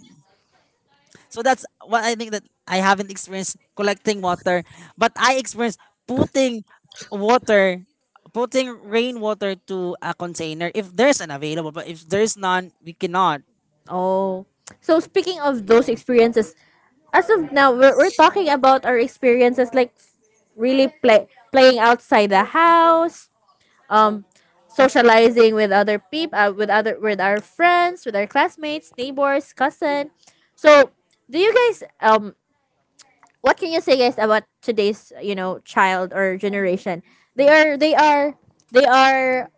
So that's what I think that I haven't experienced collecting water, but I experienced putting water, putting rainwater to a container if there's an available. But if there's none, we cannot. oh so speaking of those experiences, as of now we're, we're talking about our experiences, like really play playing outside the house, um socializing with other people, uh, with other with our friends, with our classmates, neighbors, cousin. So do you guys um what can you say guys about today's, you know, child or generation? They are they are they are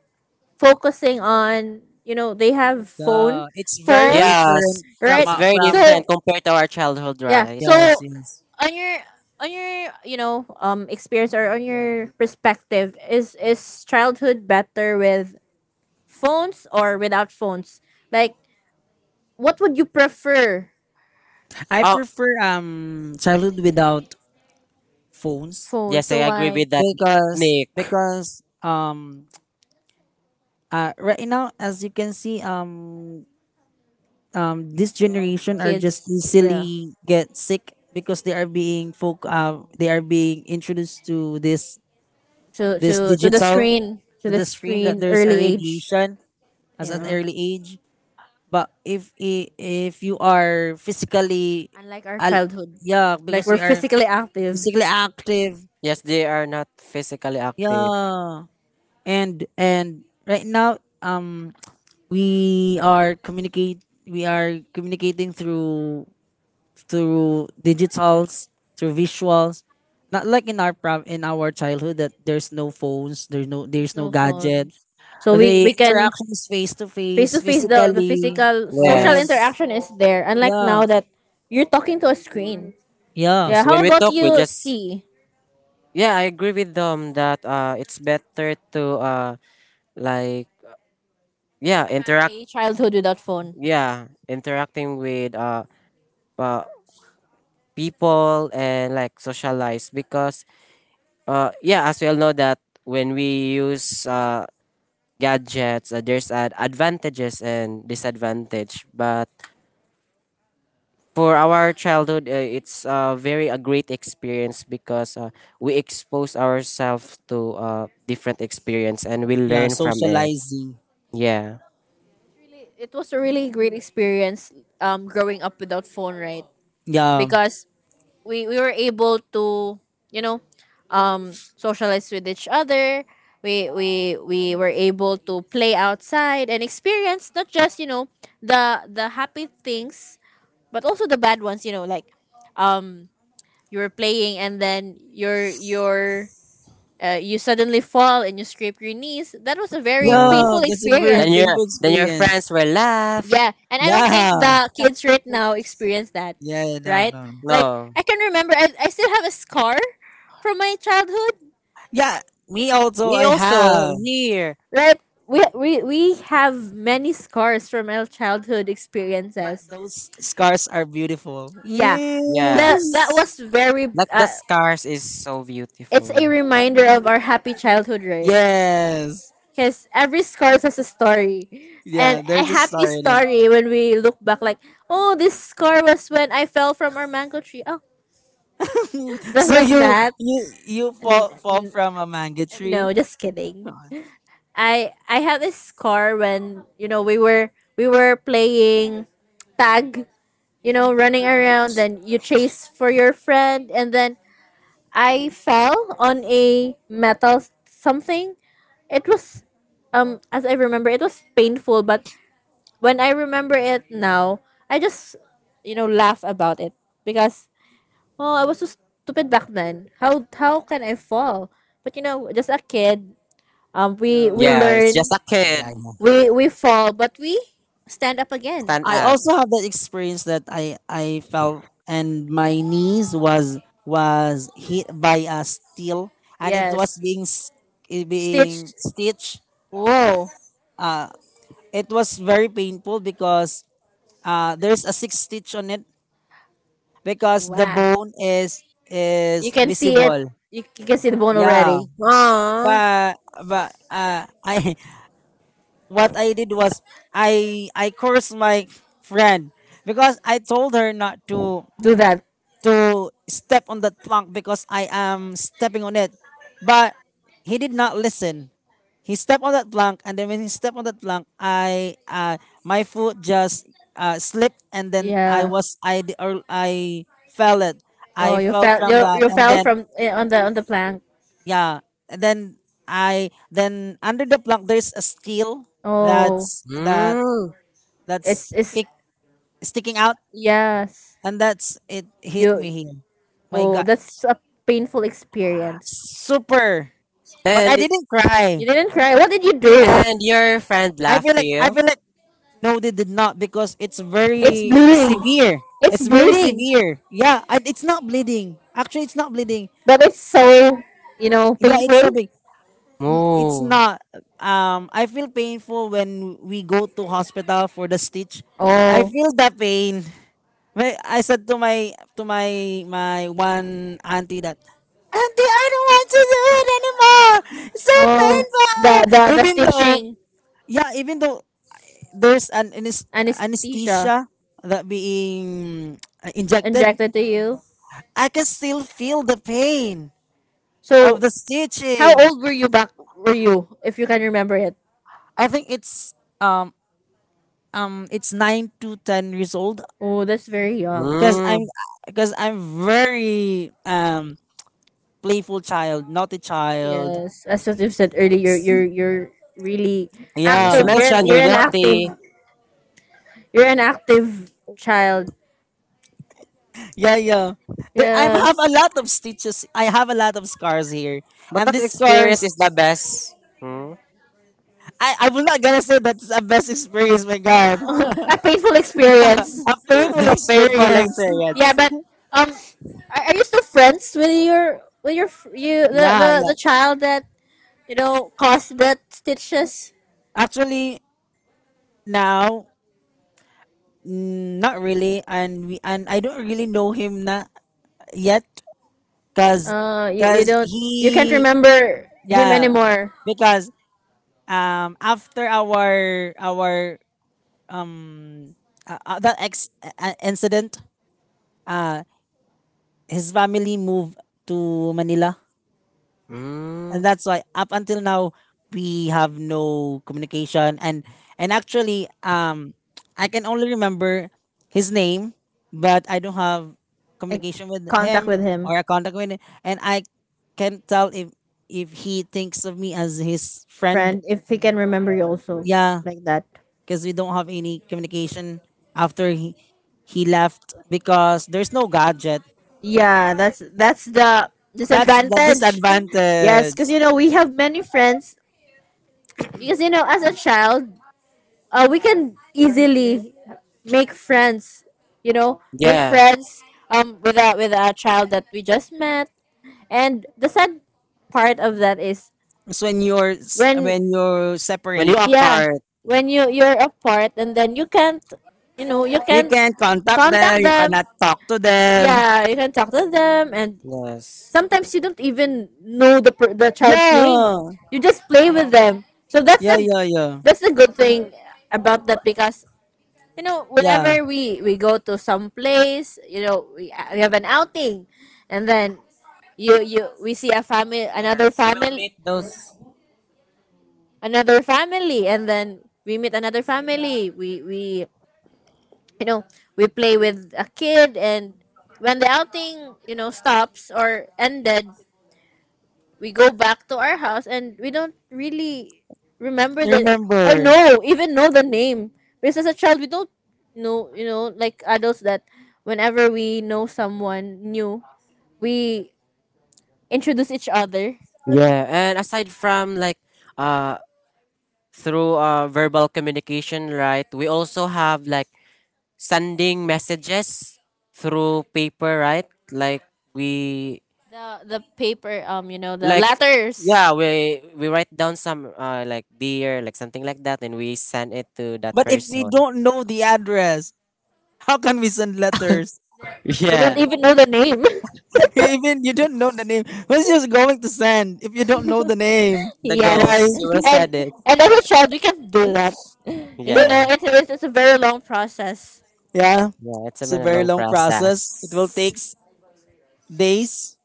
focusing on, you know, they have phone Yeah, it's very phones, yes. different from right? It's uh, very from, so different compared to our childhood, yeah right? so yes yes. on your on your you know, um experience, or on your perspective, is is childhood better with phones or without phones? Like, what would you prefer? I Oh, prefer um childhood without phones Phones? yes, So I agree why? with that, because Nick. because um uh right now as you can see, um, um, this generation are just Kids, yeah. easily get sick because they are being folk uh, they are being introduced to this to this to to the digital screen, to to the the screen that screen there's a early age. radiation as an Yeah. early age. But if i- if you are physically Unlike our al- childhood, yeah, like because we're you are physically active. physically active, Yes, they are not physically active. yeah. and and right now, um, we are communicate we are communicating through through digitals, through visuals. Not like in our prob- in our childhood that there's no phones, there's no There's there's no no gadget. phones, so we The we can interaction is face to face face, to face, the the physically, physical social and Yes. interaction is there, unlike yeah, now that you're talking to a screen. yeah, Yes, Yeah, how when we about talk, we you? just See, yeah, I agree with them that uh, it's better to uh, like yeah have interact a childhood without phone. yeah interacting with uh, uh people and like socialize because uh yeah as we all know that when we use uh gadgets uh, there's ad- advantages and disadvantage but for our childhood uh, it's uh, very a great experience because uh, we expose ourselves to uh, different experience and we yeah, learn from it socializing. yeah. Really, it was a really great experience, um growing up without phone, right? Yeah, Because we we were able to, you know, um socialize with each other. We we we were able to play outside and experience not just, you know, the the happy things, but also the bad ones, you know, like um you were playing, and then your your uh, you suddenly fall and you scrape your knees. That was a very Mm. yeah, painful that's a very then experience. your painful then your experience. friends will laugh Yeah, and I don't think, Yeah, yeah, the kids right now experience that, yeah, no, right? no, no, Like, no I can remember, I, I still have a scar from my childhood. yeah. Me also, me I also have. here Right, we we we have many scars from our childhood But experiences. those scars are beautiful. Yeah, that Mm. that yes. was very. Like the Uh, stars is so It's a beautiful. reminder of our happy childhood, right? Yes. Because every scarf has a story. And Yeah, a there's a happy star in it. story when we look back, like, oh, this scar was when I fell from our mango tree. Oh, just So like you that. you you N- fall fall n- from a mango tree. no, just Oh, kidding. I I have this scar when, you know, we were we were playing tag, you know, running around. Then you chase for your friend, and then I fell on a metal something. It was, um as I remember, it was painful, but when I remember it now, I just, you know laugh about it, because oh, I was so stupid back then. How how can I fall? But you know, just a kid, um, we we Yeah, it's learn, just a yeah, yeah, kid. yeah. we we fall, but we stand up again. Stand I up. also have that experience that I I fell and my knees was was hit by a steel and it was Yes, being s- it stitch. being stitched. Whoa, It was very painful because uh there's a six stitch on it because the wow! bone is You is can see it. visible. You, you can see the bone Yeah. already. Aww. But but uh I what I did was I I cursed my friend because I told her not to Do that. to step on that plank because I am stepping on it. But he did not listen. He stepped on that plank and then when he stepped on that plank, I uh, my foot just uh, slipped and then I Yeah. was I d- or I fell it. Oh, I you fell fell. from You, that you and fell then from, eh, on the on the plank. yeah, and then I then under the plank there's a steel Oh, that's that Mm. it's that's it's pick, sticking out, yes. and that's it hit me You. here. My Oh, God, that's a painful experience. super! But I And didn't You cry. didn't cry. What did you do? and your friend I laughed feel to like I you. feel like, no, they did not because it's It's very bleeding. severe. It's It's very bleeding. severe. Yeah, I, it's not bleeding. Actually, it's not bleeding. But it's so, you know, Yeah, it's painful. sobbing. It's Oh. not. Um, I feel painful when we go to hospital for the stitch. I Oh, feel the pain. Wait, I said to my to my my one auntie that, Auntie, I don't want to do it anymore. It's so oh, painful. the the the Even though stitching. yeah, even though there's an anes- Anesthesia anesthesia that being uh, injected, injected to you. I can still feel the pain of So, the how stitching. old were you back? Were you, if you can remember it? I think it's um um it's nine to ten years old Oh, that's very young. because Mm. I'm because I'm very um playful child, naughty child. Yes, as what you said earlier, you're you're you're really She Yeah. active. You're an, mentioned you're you're an active. naughty. You're an active child. Yeah, yeah. There, I have Yes. a lot of stitches. I have a lot of scars here, But and that these experience scars, is the best. Hmm? I, I'm not gonna say that's a best experience. My God, A painful experience. a painful The painful experience. Yeah, experience. but um, are, are you still friends with your with your f- you the, Yeah, the the yeah. child that, you know, caused that stitches? Actually, now, mm, not really, and we and I don't really know him na yet, cause, Uh, you, you cause don't, you can't he, remember him yeah, anymore. because um after our our uh, uh, that ex uh, uh, incident, uh his family moved to Manila, Mm. and that's why up until now we have no communication. And and actually, um, I can only remember his name, but I don't have Like communication with contact him with him, or a contact with him, and I can tell if if he thinks of me as his friend. friend, if he can remember you also, Yeah, like that. because we don't have any communication after he he left because there's no gadget. Yeah, that's that's the That's the disadvantage. Yes, disadvantage. because you know we have many friends. Because you know, as a child, uh, we can easily make friends, you know, make Yeah. friends um with a with a child that we just met, and the sad part of that is So when you're s- when, when you're When you separate, are yeah, apart. when you you're apart, and then you can't, you know, you you can can contact them. contact You them. cannot talk to them. Yeah, you can talk to them, and Yes. sometimes you don't even know the per- the child's name. Yeah, You just play with them. So that's yeah, the yeah, yeah, that's the good thing about that, because you know yeah. whenever we we go to some place, you know, we, uh, we have an outing, and then you you we see a family, another We'll meet family, those. another family and then we meet another family. We we you know, we play with a kid, and when the outing, you know, stops or ended, we go back to our house, and we don't really remember the, or Remember, know, even know the name, because as a child, we don't know, you know, like adults, that whenever we know someone new, we introduce each other. Yeah. And aside from like uh through uh, verbal communication, right? We also have like sending messages through paper, right? Like we The the paper, um you know, the like letters. yeah, we we write down some uh, like dear, like something like that, and we send it to that but if we person. don't know the address, how can we send letters? We don't Yeah, even know the name. Even you don't know the name. Who's just going to send if you don't know the name, the right? ghost. Yes, You will and send it. and as a child, we can't do that. You know, Yeah, it's, it's, it's a very long process. Yeah, yeah. It's it's been a a very long long process. It will process, take days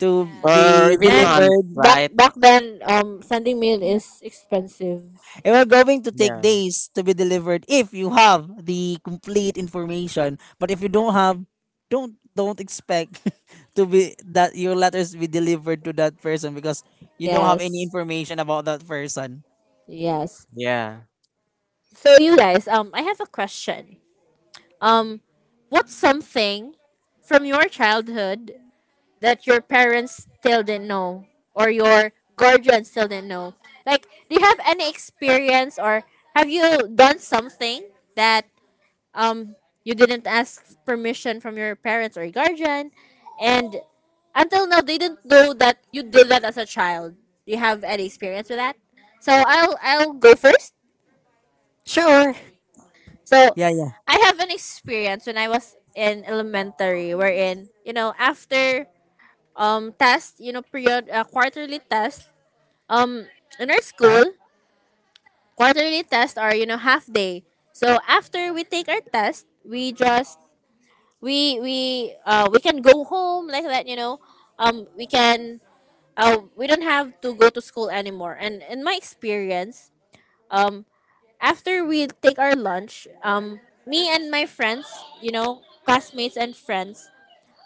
to or Yes. be even And month, delivered. back right? back then, um, sending mail is expensive. And we're going to take Yeah, days to be delivered if you have the complete information. But if you don't have, don't don't expect to be that your letters be delivered to that person because you don't have any Yes. information about that person. Yes. yeah. So you guys, um, I have a question. Um, what's something from your childhood that your parents still didn't know, or your guardians still didn't know? Like, do you have any experience, or have you done something that, um, you didn't ask permission from your parents or guardian, and until now they didn't know that you did that as a child. Do you have any experience with that? So I'll I'll go first. Sure, So Yeah, yeah. I have an experience when I was in elementary, wherein, you know, after um test, you know, period, uh, quarterly test. Um, in our school, quarterly tests are, you know, half day. So after we take our test, we just we we uh we can go home like that, you know, um we can uh we don't have to go to school anymore. And in my experience, um after we take our lunch, um me and my friends, you know, classmates and friends,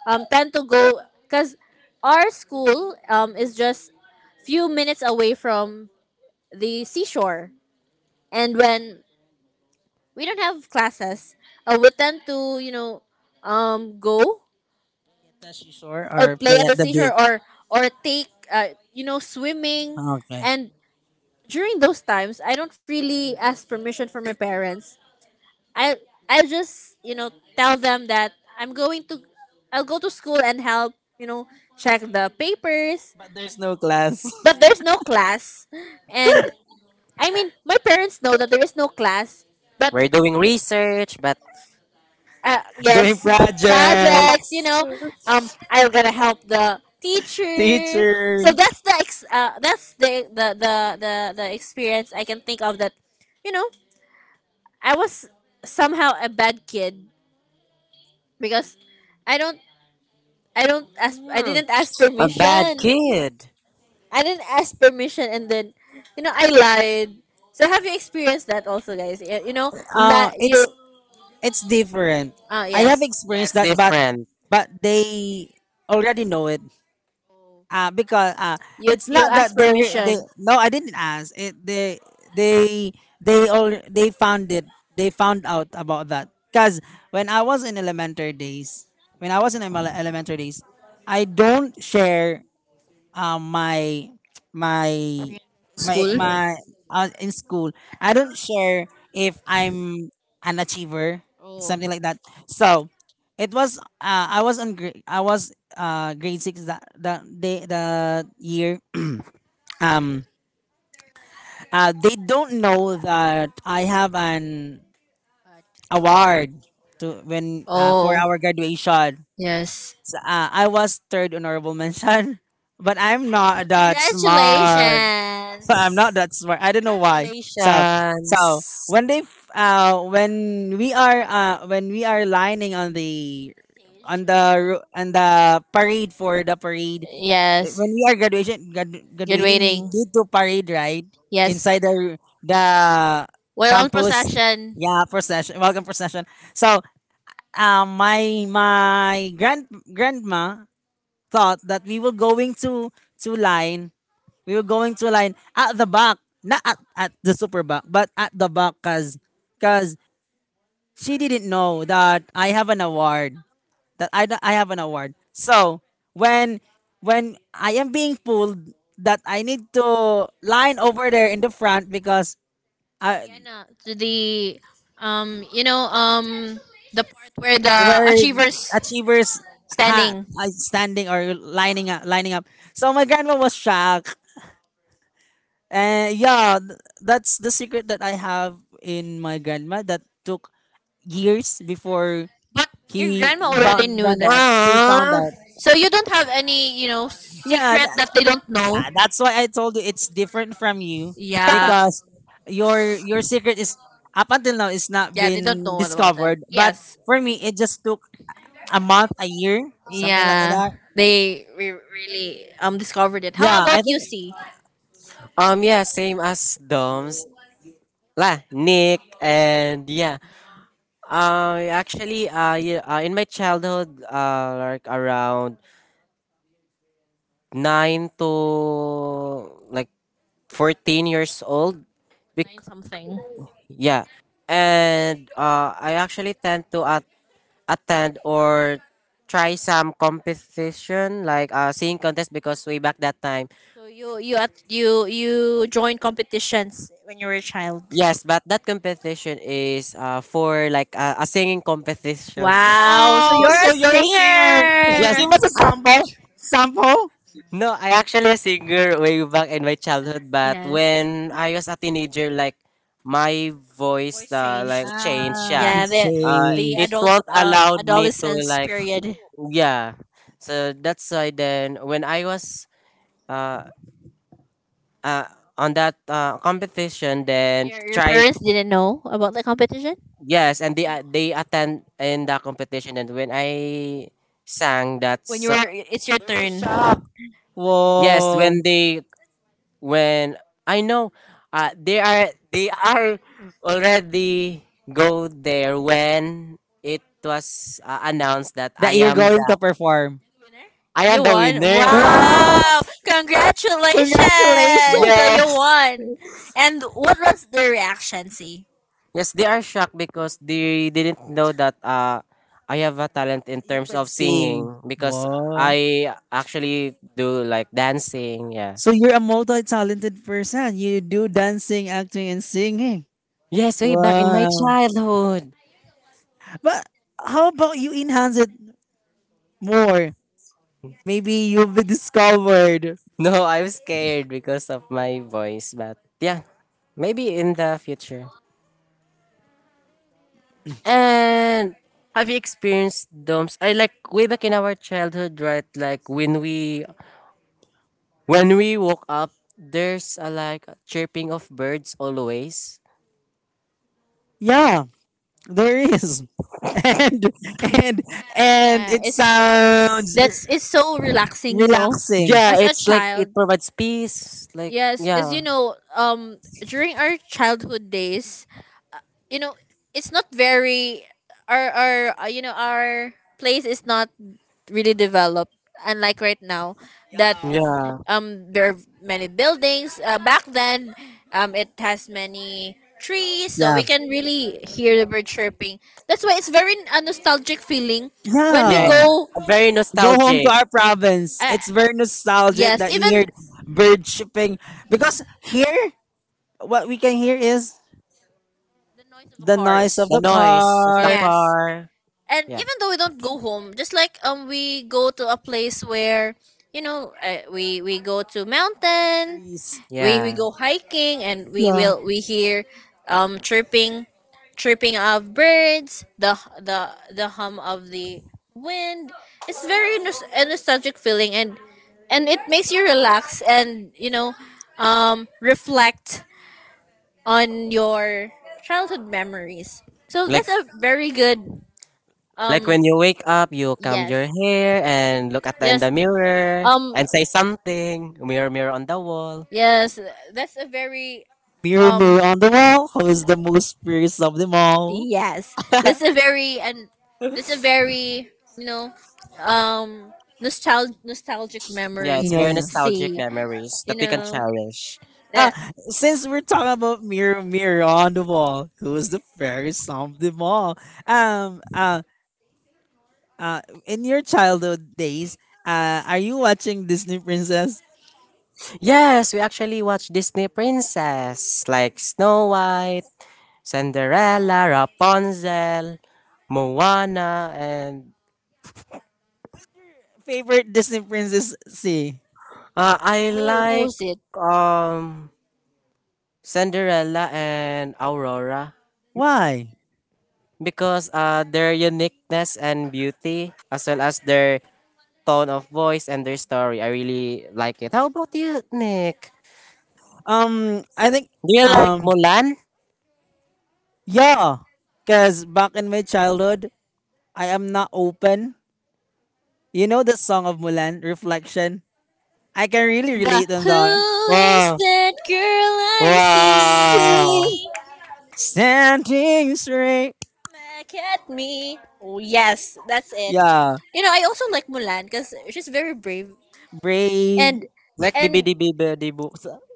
um tend to go, because our school, um is just few minutes away from the seashore. And when we don't have classes, uh, we tend to, you know, um go Tashi Shore or or play play at at the the beat. seashore, or or take, uh, you know, swimming. Okay. And during those times, I don't really ask permission from my parents. I i'll just, you know, tell them that i'm going to I'll go to school and help, you know, check the papers. But there's no class. But there's no class. And I mean, my parents know that there is no class, but, we're doing research, but. uh, Doing yes, project, projects, projects, you know, um I'm gonna help the teacher. So teacher. that's the ex- uh, that's the, the the the the experience I can think of, that, you know, I was somehow a bad kid, because I don't, I don't ask I Hmm. didn't ask A bad permission, kid. I didn't ask permission, and then, you know, I lied. So have you experienced that also, guys? you, you know Uh, li- you it's it's different. uh, I have yes, Yeah, experienced it's that, but different. but they already know it. Uh, because uh, you It's you not ask that they they permission. no I didn't ask it they they they all they found it they found out about that because when I was in elementary days when I was in emele- elementary days I don't share um my my my School? my uh, in school. I don't share if I'm an achiever, Oh, something like that. So it was uh, I was on grade I was uh grade six that that day the year. Um uh they don't know that I have an God. award to when uh, for Oh, our graduation. yes. Uh, I was third honorable mention, but I'm Oh, not that congratulations. smart. I'm not that smart. I don't know why. So so Congratulations. when they f- uh when we are uh when we are lining on the on the ro- on the parade for the parade uh, Yes. when we are graduation gradu- Good graduating we waiting. need to parade right Yes. inside the the Well, are on campus, procession. yeah, procession, welcome procession. So um my my grand grandma thought that we were going to to line we were going to line at the back, not at, at the super back, but at the back because cause she didn't know that I have an award, that I, I have an award. So when when I am being pulled, that I need to line over there in the front because The, I, ano, to the, um, you know, um, the part where the where achievers. achievers ha Standing. like standing or lining up lining up. So my grandma was shocked. And yeah, th- that's the secret that I have in my grandma that took years before But your he grandma already found, knew found out, that. she found Ah. out. So you don't have any, you know, Yeah, secret tha- that they don't know? yeah, that's why I told you it's different from you Yeah. because your your secret is up until now it's not Yeah, they don't been know about that. discovered. But Yes. for me, it just took a month, a Something, year, something like yeah, that. that they re- really, um, discovered it. How, yeah, Yeah, about I let's you, say think. C? Um, yeah, same as Dom's. La, Nick, and yeah. Uh, actually, uh, yeah, uh, in my childhood, uh, like around nine to like fourteen years old. Nine Bec- something. yeah. And uh, I actually tend to at attend or try some competition like uh, singing contest because way back that time So you you at you you joined competitions when you were a child. yes but that competition is uh, for like uh, a singing competition. Wow. So Oh, you're a so you're a singer? Can you Yes, singer. give us a I, sample? Sample? no, I actually a singer way back in my childhood but Yes. when I was a teenager like my voice Voice uh, changed. like changed Ah, yeah Yeah, it's the uh, the it changed. adult, won't um, allowed me to adolescence like period. yeah so that's why then when I was uh uh, on that uh, competition then Your, your try parents didn't know about the competition? yes and they uh, they attend in the competition and when I sang that When you're, so- it's your You're turn. shocked! yes Whoa, when they when I know uh, they are they are already go there when it was uh, announced that i that you're am going the to perform. Winner? i am You the won. winner Wow! Wow! Congratulations! Congratulations! So you yes. won. And what was the reaction? See, Yes, they are shocked because they didn't know that uh, I have a talent in You terms could of sing. singing because Wow. I actually do like dancing. Yeah. So you're a multi-talented person. You do dancing, acting, and singing. Yes, way back in my Wow. childhood. But how about you enhance it more? Maybe you'll be discovered. No, I'm scared because of my voice, but yeah, maybe in the future. And have you experienced domes? I like way back in our childhood, right? Like when we when we woke up, there's a like chirping of birds always. Yeah, there is. And and and yeah, it it's sounds that's, it's so relaxing, you know, relaxing. Yeah, as a it's like child. it provides peace. Like, Yes, because, you yeah, know, um, during our childhood days, you know, it's not very, our our uh, you know, our place is not really developed, unlike right now, that yeah, um there are many buildings, uh, back then, um it has many trees, so Yeah. we can really hear the bird chirping. That's why it's very a nostalgic feeling when we yeah. Yeah. go. Very Go home to nostalgic. our province. Uh, It's very nostalgic yes, that you hear even bird chirping because here what we can hear is the noise of the noise of cars. The the noise of the car, Yes. car. And Yeah, even though we don't go home, just like, um, we go to a place where, you know, uh, we we go to the mountain, trees, we we yeah. go hiking, and we yeah, will we hear, um chirping chirping of birds, the the the hum of the wind. It's very nos- a nostalgic feeling, and and it makes you relax, and you know, um reflect on your childhood memories. So Like that's a very good, like um when you wake up, you comb your yes, hair and look at the in the yes mirror um and say something. Mirror, mirror on the wall. yes that's a very, mirror um mirror on the wall. Who is the most fierce of them all? Yes, that's a very, and that's a very you know, um nostalgic nostalgic Yeah, it's memory. Yeah, very yeah. nostalgic See, memories you that we can know cherish. Uh, that. since we're talking about mirror mirror on the wall, who is the fairest of them all? Um, uh, uh, in your childhood days, uh, are you watching Disney Princess? Yes, we actually watched Disney Princess like Snow White. Cinderella, Rapunzel, Moana, and Favorite Disney Princess? See. uh, I Yeah, who, like who's it? um Cinderella and Aurora Why? because uh their uniqueness and beauty as well as their tone of voice and their story. I really like it. How about you, Nick? Um, I think Do you like um, Mulan? yeah, because back in my childhood, I am not open. You know the song of Mulan, Reflection. I can really The relate on that. who is Wow. that girl I Wow. Sing, see? standing straight. Back at me. Oh, yes, that's it. Yeah, You know, I also like Mulan because she's very brave, and brave Like and bibidi bibidi boo.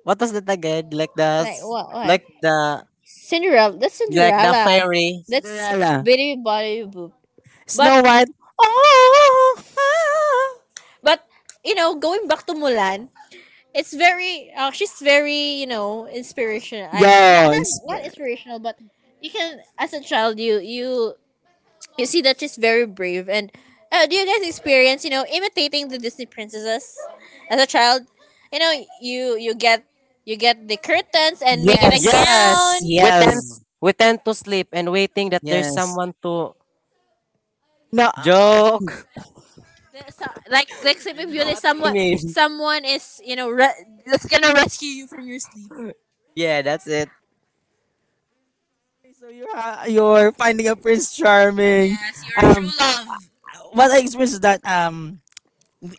What was that again? Like the like s- what what, like the Cinderella. That's like the Cinderella. fairy. That's Cinderella, Bitty Body Boop. But Snow White. Oh, ah, but you know, going back to Mulan, it's very, uh, she's very, you know, inspirational. I not yeah. not it's- not inspirational, but you can, as a child, you you you see, that's, she's very brave. And uh, do you guys experience, you know, imitating the Disney princesses as a child? You know, you you get you get the curtains and make it a Yes, gown. Yes, we tend yes, we tend to sleep and waiting that there's yes. someone to No, uh, joke. The- so- like like Sleeping Beauty, I someone mean, someone is you know re- that's gonna rescue you from your sleep. yeah, that's it. okay, so you're ha- you're finding a Prince Charming. Yes, your Um, true love. what I experienced is that um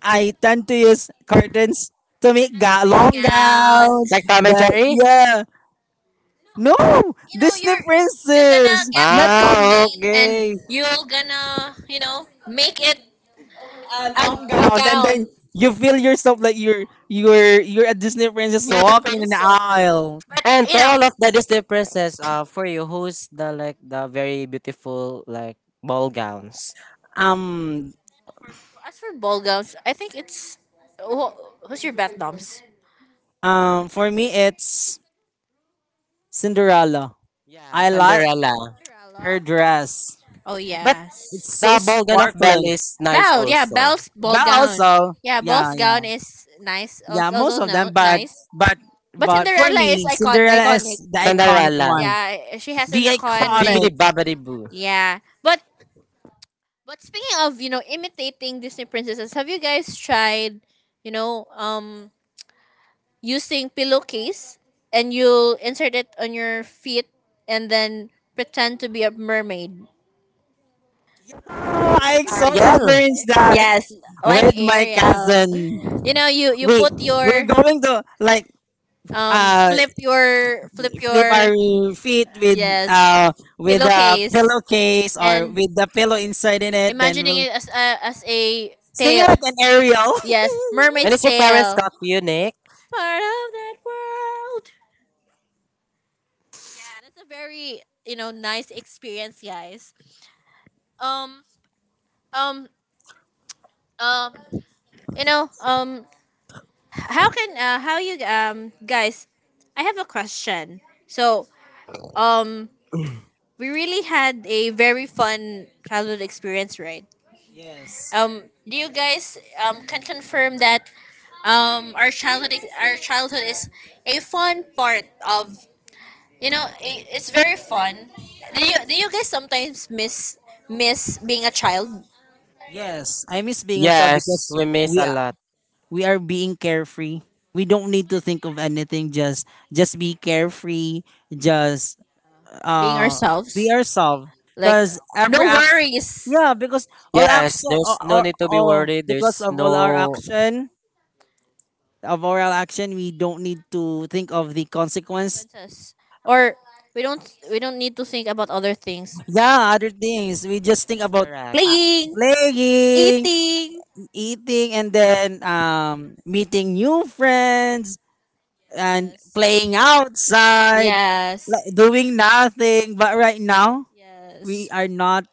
I tend to use curtains to make Just to ga- make a long gown. gowns. Like Tom and The Jerry. yeah. No, You know Disney you're you're gonna princess, get a not Tom Ah, curtain and okay. you're gonna you know make it a, long a gown, and then gown. you feel yourself like you're you're you're a Disney princess You're the walking in the princess. aisle. But And And you to know, all all of of the the Disney Disney princess princess, uh, now. for you, who's the like the very beautiful like ball gowns? Um, for, for as for ball gowns, I think it's who, who's your bet noms? um, for me, it's Cinderella. Yeah, I like Cinderella. Cinderella? her dress. Oh But It's yes, so the ball gown of Belle sparkling. is nice Belle. Yeah, also. Belle's ball But gown. also, Yeah, yeah, Belle's gown yeah. is nice. Yeah, Also, most also of no them, but nice. but But but for Cinderella is me, icon Cinderella is iconic. the iconic Cinderella, one. Yeah, she has an The the iconic. bibbidi iconic. bobbidi boo. Yeah, but but speaking of you know imitating Disney princesses, have you guys tried you know um using pillowcase, and you'll insert it on your feet and then pretend to be a mermaid. I also Ariel, experienced that Yes, like with my Ariel. cousin. You know, you you We put we're your going to like um uh flip your flip flip your, our feet with yes, uh with a pillowcase, pillowcase or and with the pillow inside in it. Then imagining we'll it as a as a sing tail. it like an aerial. Yes, and mermaid's is your parents tail. got you, Nick? Part of that world. That's a very you know nice experience, guys. Um um um You know, um, how can uh, how you um guys? I have a question. So, um, we really had a very fun childhood experience, right? Yes, Um, do you guys um can confirm that um our childhood ex- our childhood is a fun part of you know I it's very fun. Do you do you guys sometimes miss miss being a child, yes. I miss being a child Yes, because we miss a we lot. we are being carefree, we don't need to think of anything, just just be carefree, just being uh be ourselves? yourself Like because every no act worries. yeah because all Yes, action, or, there's no or, need to be or worried. because There's of all our no. action of oral action we don't need to think of the consequence Consequences, or we don't we don't need to think about other things. yeah other things we just think That's about correct. uh, Playing, playing, eating, eating, and then um meeting new friends and yes, playing outside yes, like doing nothing. But right now, we yes, are not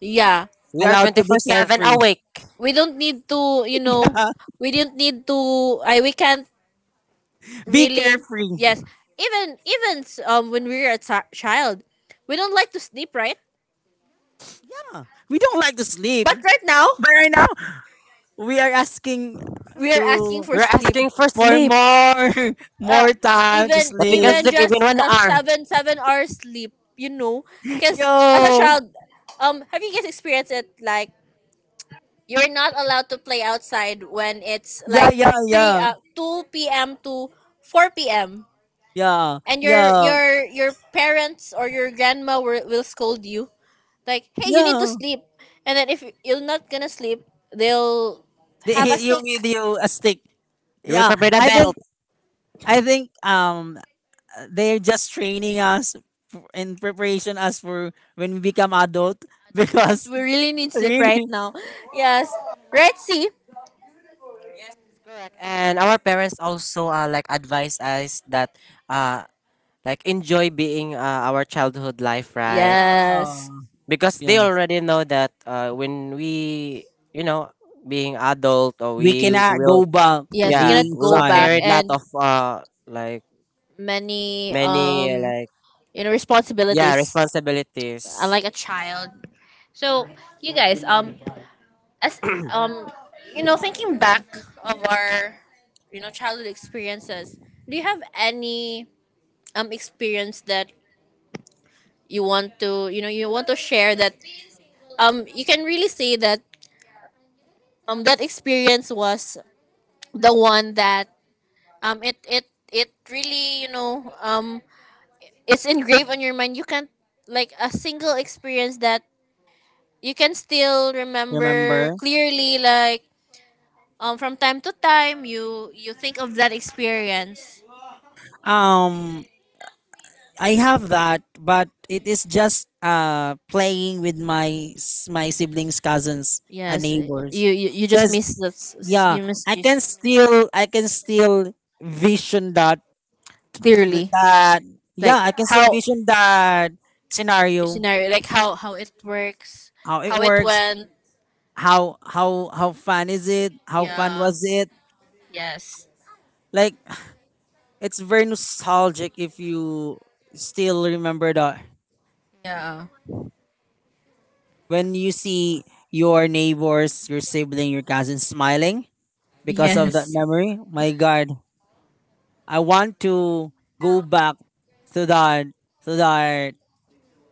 yeah, We are allowed to be twenty four seven carefree. awake. we don't need to you know we don't need to I we can't Be really, carefree. yes. Even even um when we were a t- child, we don't like to sleep, right? Yeah. We don't like to sleep. But right now But right now, we are asking we are asking to for We're sleep. asking for for sleep, more uh, more time to even but we can sleep. even sleep even just one a hour. seven seven hour sleep, you know, because as a Yo. child, um have you guys experienced it, like you're not allowed to play outside when it's Yeah, like yeah, three yeah. uh, two p m to four p m, Yeah. and your Yeah. your your parents or your grandma will, will scold you, like, "Hey, you need to Yeah. sleep." And then if you're not gonna sleep, they'll They have a hit you stick. with you a stick. They will Yeah. prepare the I think belt. I think um they're just training us f- in preparation us for when we become adult Adult, because because we really need sleep right Really? now. Yes. Right, see? Correct. And our parents also uh, like advise us that uh like enjoy being, uh, our childhood life, right? Yeah. Yes. Because they Yeah. already know that, uh, when we you know being adult, or We we we cannot will, go back to Yes, we yeah, cannot being we go will child. back, carry lot and of uh like many many, um like, you know yeah, responsibilities, uh, responsibilities. like a child. So, you guys um as, um you know thinking back of our, you know childhood experiences, do you have any um experience that you want to you know you want to share, that um you can really say that um that experience was the one that um it it it really, you know um it's engraved on your mind. You can't. Like a single experience that you can still remember Remember? clearly. Like, um, from time to time, you you think of that experience. Um, I have that, but it is just uh playing with my s- my siblings, cousins, and Yes, neighbors. you you, you just Cause miss that, s- s- yeah, you miss I can this still I can still vision that clearly. that Like yeah I can still how. vision that scenario, Scenario, like how how it works, how it how it works, went. how how how fun is it, how fun Yeah. was it Yes. like. It's very nostalgic if you still remember that Yeah. when you see your neighbors, your sibling, your cousin smiling because of that Yes. memory. My God, I want to go back to that to that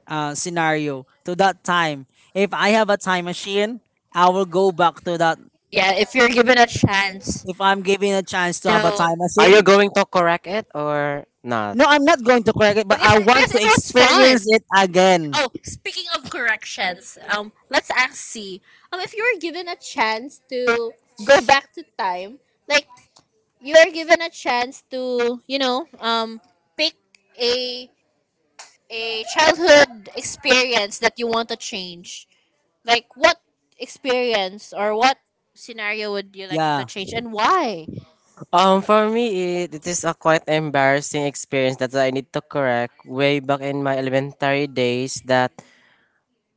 uh, scenario, to that time. If I have a time machine, I will go back to that. Yeah. If you're given a chance If I'm given a chance to to. have a time Are you machine, going to correct it or not? no, I'm not going to correct it, but Because. I Uh, want because it to was fun. experience it again. Oh, speaking of corrections, um, let's ask C. Um, if you were given a chance to go back to time, like you are given a chance to, you know, um, pick a a childhood experience that you want to change. Like what experience or what scenario would you like to. Yeah, Yeah. change, and why? Um, for me, it, it is a quite embarrassing experience that I need to correct way back in my elementary days. That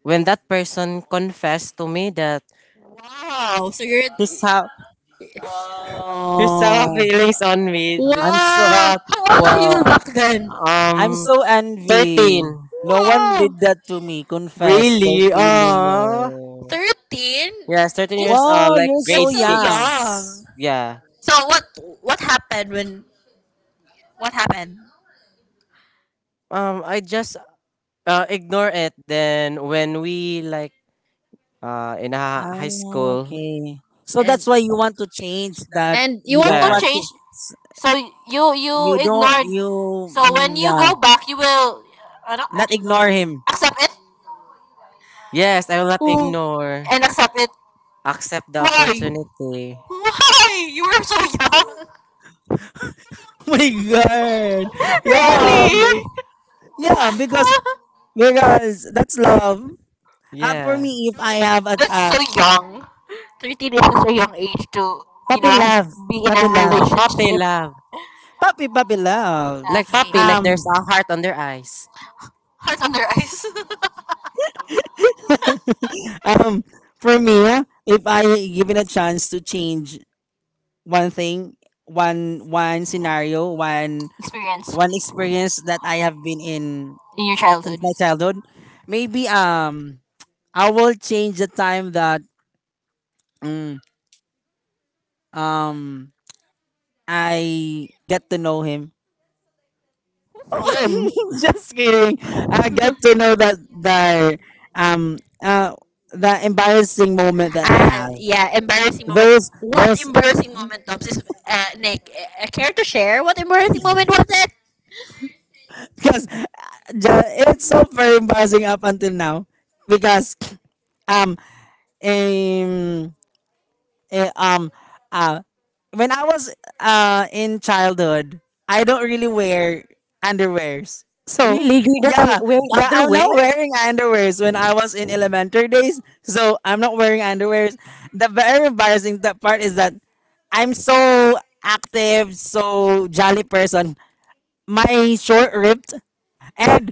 when that person confessed to me that Wow. So you're. he saw he saw Oh, feelings on me, th- I'm so Wow! but How old are you Wow. back then? I am um, so envy. thirteen, No. No one Wow! did that to me. Confess their really? feeling. Oh, Oh. thirteen? yes, thirteen Just years old, Wow, like you're just so grade so young. young. six. Yeah. So what what happened when. What happened? Um, I just Uh, ignore it. Then when we like uh in a high Ah, school, okay. So And that's why you want to change that. and you You want don't to want change, to. yes, so you you no, You don't. ignored. You. So Mm, when you go yeah. back, you will, ano, Not ignore him. accept it. yes, I will not Oh, ignore. and accept it. Accept. Accept the Why? opportunity. Why? You were so young. Oh my God. Okay, Yeah. dude. Really? Yeah. Because because that's love. Uh, for Yeah. me, if No, I it's have a that's uh, so young. Thirteen is such a young age to you puppy know love, be in a puppy love, Uh, puppy relationship. love. puppy puppy love. Like puppy, like Um. Above. Okay. there's a heart on their eyes. Heart on their eyes. Um, for me, if I given a chance to change one thing, one one scenario, one Experience one experience that I have been in in your in childhood. My my childhood, maybe um I will change the time that mm, um I get to know him. childhood. Him. Just kidding. I get to know that the um uh the embarrassing moment that I Uh, have. yeah, embarrassing moment. Those What those embarrassing moment, Tops? Is, uh, Nick, uh, care to share what embarrassing moment was it? because the, it's so very embarrassing up until now because um um, eh, um uh, when I was uh in childhood I don't really wear underwears. So Really? You're not re- yeah, wearing yeah, I'm underwear? not wearing underwears when I was in elementary days, so I'm not wearing underwears. The very embarrassing that part is that I'm so active, so jolly person, my short ripped and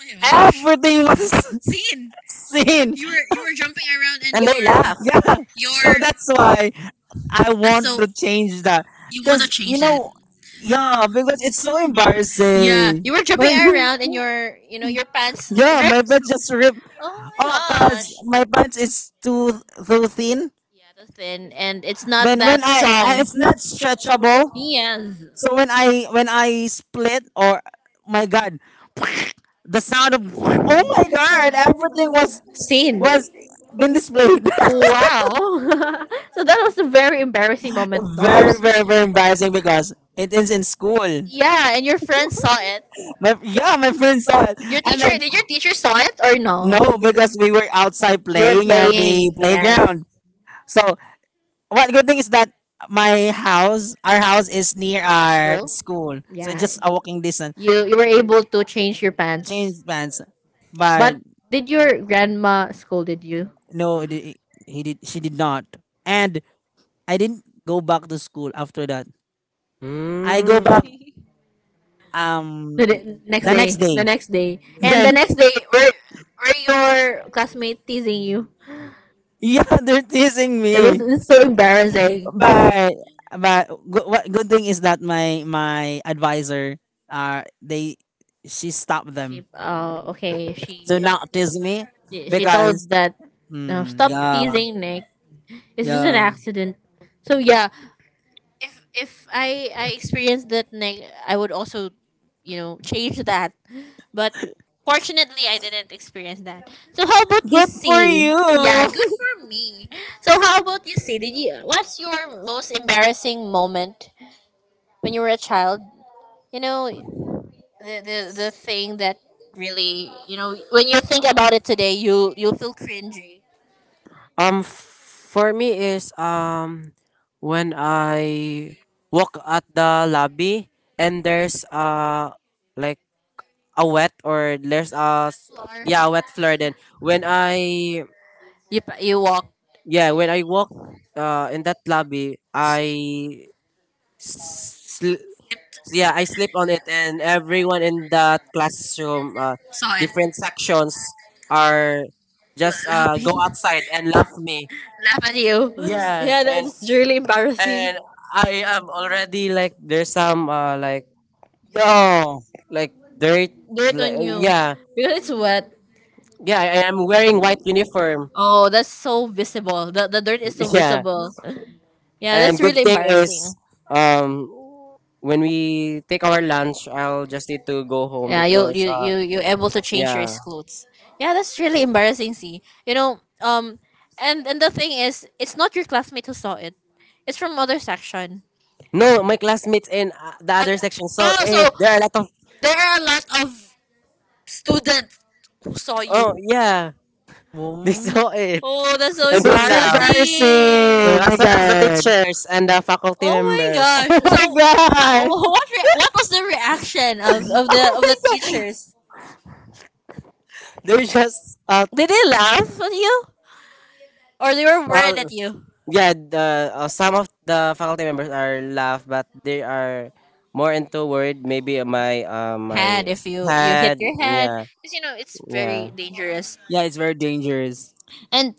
Oh my gosh. everything was Scene. Seen. seen. You were you were jumping around and And your they laugh. Yeah, your so that's why I that's want so to so change that. you want to Because, you change that. know, yeah, because it's so Yeah, embarrassing. embarrassing. You were jumping My, around and your you know your pants yeah, my ripped. pants just ripped. Oh my Oh, because gosh. Pants. my pants is too too thin. Yeah, that's thin and it's not Then when that I, strong. I it's not stretchable. Yes. So when I when I split or my god, the sound of oh my god, everything was Scene. was been displayed. Wow. So that was a very embarrassing moment, Very Doms. very very embarrassing because it is in school Yeah, and your friend saw it. but yeah my friends saw it Your and teacher, then did your teacher saw it or no no? because we were outside You were playing at the playing. playground so what good thing is that my house our house is Yes. near Near the our outside school. school so Yeah. just a walking distance, You you were able to change your. Change pants. changed plans, but But did your grandma scolded you? no it, it- he did she did not and I didn't go back to school after that I go Mm. back um The, d- next. The day, next the day. next Day. day The next day, and, yeah, the, yeah, then next day, were were your classmate teasing you? yeah they're teasing And this me is so embarrassing. but but good, what good thing is that my my advisor uh they she stopped She, them uh, okay, she. They're to she, not not tease teasing. me She. They. She got it. because Told that. No, mm, stop. Yeah, yeah teasing Nick. It's just an. Yeah, yeah accident. So yeah, if if I I experienced that, neg- I would also you know change that, but fortunately I didn't experience that. So how about you, good for see? you Yeah, good for me. So how about you, see, did you what's your most embarrassing moment when you were a child? You know, the the, the thing that really, you know, when you think about it today, you you feel cringy. Um, for me is um when I walk at the lobby, and there's uh like a wet, or there's a That s- floor. yeah, a wet floor, then when i You pa- you walk. yeah when i walk uh in that lobby, I sl- yeah I sleep on it, and everyone in that classroom, uh, Saw it. different sections, are just uh Laughing. go outside At. and laugh me, Laugh at you. yeah, Yeah, and that's really and embarrassing. I am already like there's some uh like yo like dirt, Dirt like, on you. yeah, Because it's wet. yeah, I, i'm wearing white uniform. Oh, that's so visible. The, the dirt is so Yeah. visible. Yeah, that's And good really thing is, embarrassing. um, when we take our lunch, I'll just need to go home Yeah, you because, you uh, you um you're able to change your, yeah, yeah. clothes. Yeah, that's really embarrassing. See, you know, um, and and the thing is, it's not your classmate who saw it. It's from other section. No, my classmates in, uh, the other section saw Oh, so it. lot There are a lot of, of. There are a lot of students who saw. Oh, oh, you. yeah, they mm, saw it. Oh, that's so it's And so they it's so now, really uh, embarrassing as oh well as the embarrassing. my teachers and the faculty Oh my god members, members. Gosh. Oh. oh my So god ha- what re- what was the reaction of, of the oh of the my god teachers? they're just, uh, Did they laugh at you, or they were uh, worried at you? yeah, the, uh, some of the faculty members are laugh, but they are more into worried. Maybe my, uh, Head, my if you you hit had, your head, yeah, because you know it's yeah. very dangerous. yeah it's very dangerous. And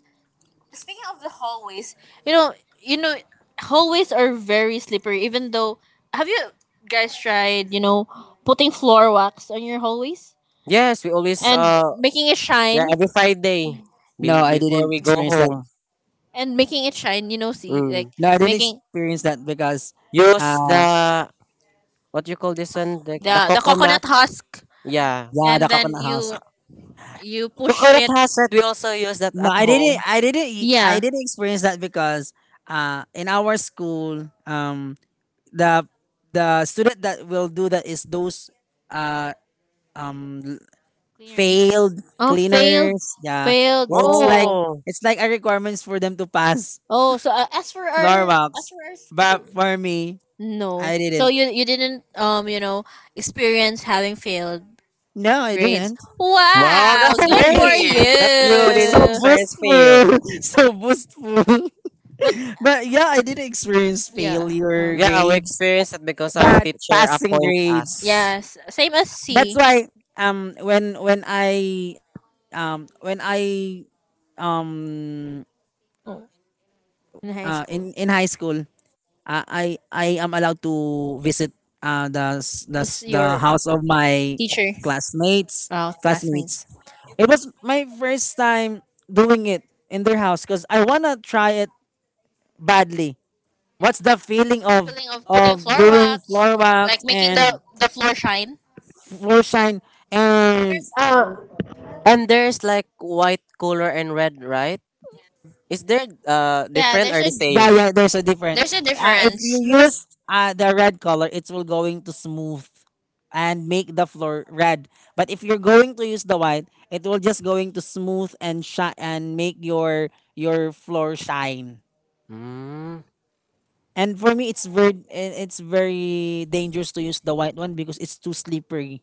speaking of the hallways, you know, you know, hallways are very slippery. Even though, have you guys tried, you know, putting floor wax on your hallways Yes, we always, and uh making it yeah, shine? every Friday No, be- I before didn't we go experience that. home. And making it shine, you know, see, like, Mm. No, I didn't making. experience that because Use uh the, what you call this one, the, the The the coconut. coconut husk, Yeah, yeah the and then coconut house. you you push coconut it, hazard. We also use that No, at I didn't. home. I didn't. e- I yeah. didn't experience that because uh, in our school, um, the the student that will do that is those uh um l- Cleaners. failed Oh, failed. cleaners. Yeah, Failed. it's like Oh. Oh it's like a requirements for them to pass Oh, so, uh, as for floor our as walks. for our But school, for me, no. I So didn't. you you didn't, um, you know, experience having failed No, I grades. didn't. wow, Wow, that's Oh good my god, for great that you didn't so you. experience fail. boastful, so boastful. But But yeah, I didn't experience yeah. Uh, failure Yeah, we grades experienced it because our but teacher passing appoint grades. us. yes, same as That's C. why um when when I um when I um uh Oh, in in high in school, high school. uh, I I am allowed to visit uh the s- the s- This the house your of my teacher. classmates Oh, classmates. classmates. It was my first time doing it in their house because I wanna try it badly. What's the feeling What's the of feeling of putting of floor doing wax? floor wax Like making the and the floor shine? floor shine and Uh, and there's like white color and red, right? Is there uh Yeah, different there's or a the yeah, same? yeah, there's a different. there's a Uh, if difference. you use uh, the red color, it will going to smooth and make the floor red. But if you're going to use the white, it will just going to smooth and shine and make your your floor shine. Mm. And for me, it's very i- it's very dangerous to use the white one because it's too slippery.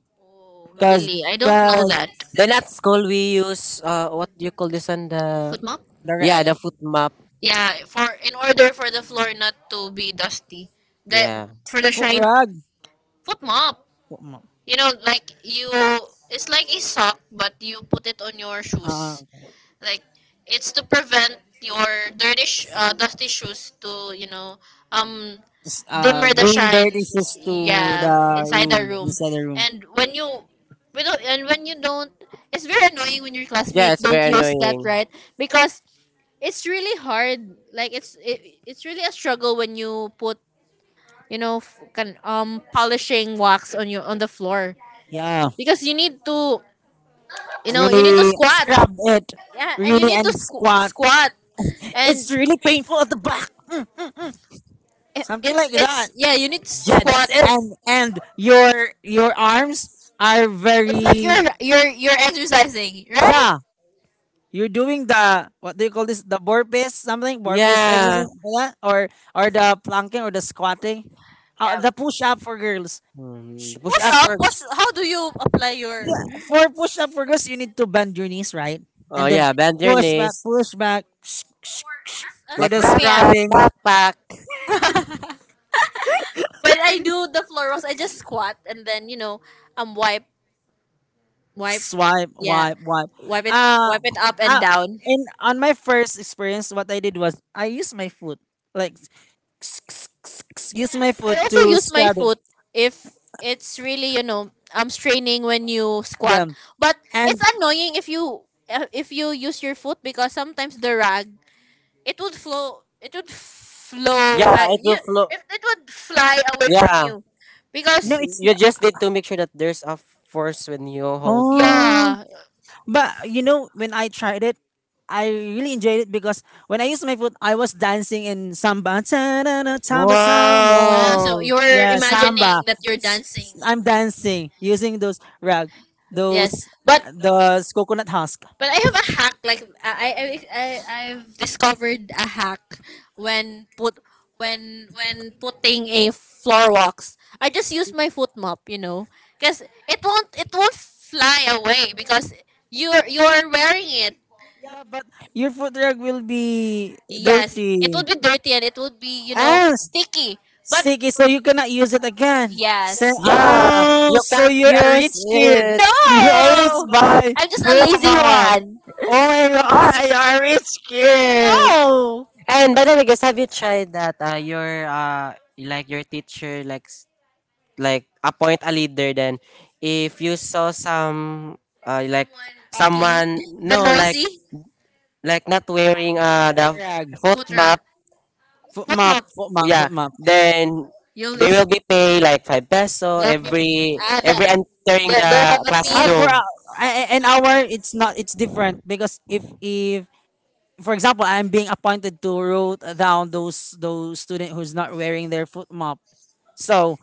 Cause Really, I don't know cause that. Then at school we use uh what do you call this on the, Foot mop? the re- yeah, the foot map, Yeah, for in order for the floor not to be dusty, that yeah, for the fo- shine, rug. foot mop. You know, like, you, it's like a sock, but you put it on your uh, shoes. Like, it's to prevent your dirty, sh- uh, dusty shoes to, you know, um, uh, dimmer the bring shine. dirty shoes to the Yeah, inside the room room. inside the room. And when you, we don't, and when you don't, it's very annoying when your yeah, classmate it's don't very use that, annoying, right? Because it's really hard, like it's it, it's really a struggle when you put, you know, f- can um polishing wax on your, on the floor, Yeah. because you need to, you know you need to Really squat, scrub it. yeah, and you Really need to and squ- squat. squat and It's really painful at the back. Mm, i- something it's like that. it's yeah, you need to yeah, squat. that's it, And and your your arms are It's like you're very you're you're exercising, right? yeah. You're doing the what do you call this? The burpees something burpees yeah. exercise like that? Or or the planking or the squatting. Uh, yeah. the push up for girls. Sh- Mm, push Push up up. for, What's how do you apply your. yeah, for push up for girls, you need to bend your knees, right? oh, And then yeah, bend your push back, knees, push back. as, For as like the for me, back, back, I- scrubbing, back, back, when I do the floor wax I just squat, and then, you know, um wipe wipe, swipe, yeah, wipe, wipe. wipe it Uh, wipe it up and uh, down. in on my first experience, what I did was I used my foot, like use my I foot also to use my scrub it. foot, if it's really, you know, I'm straining when you squat. Yeah, But and it's annoying if you, uh, if you use your foot, because sometimes the rag, it would flow it would flow, yeah, uh, it will you, flow, it, it would fly away from yeah, you no, because. it's n- you just need to make sure that there's a force when you hold the, oh, Yeah, but you know when I tried it. I really enjoyed it because when I used my foot, I was dancing in samba, ta-da-da, samba, wow, samba. so wow, you're Yeah, samba. imagining that you're dancing. I'm dancing using those rag, Yes, those but. uh, those coconut husk. But I have a hack. Like, I, I, I I've discovered a hack when put, when when putting a floor walks. I just use my foot mop, you know, because it won't it won't fly away because you're you're wearing it. Yeah, but your food rug will be Yes, dirty. it would be dirty, and it would be, you know, Ah, sticky. But sticky, so you cannot use it again. Say yes, yeah, oh, you so can't you're a use rich kid. it. You always no, buy I'm just a food lazy mop. one. Oh my Is it- god, you're a rich kid. No? And by the way, guys, have you tried that, uh your, uh like your teacher like like appoint a leader, then if you saw some, uh, like Talking. someone The no like noisy. like not wearing uh Foot the rag, foot Food map, truck. foot What? mop, No? foot mop, yeah, foot mop. then You they list will be pay like five peso that. People. every Ah, that every entering they, they the have a Ah, fee. for classroom. uh, a- a- an hour, it's not. It's different because if if for example, I'm being appointed to root down those those student who's not wearing their foot mop. So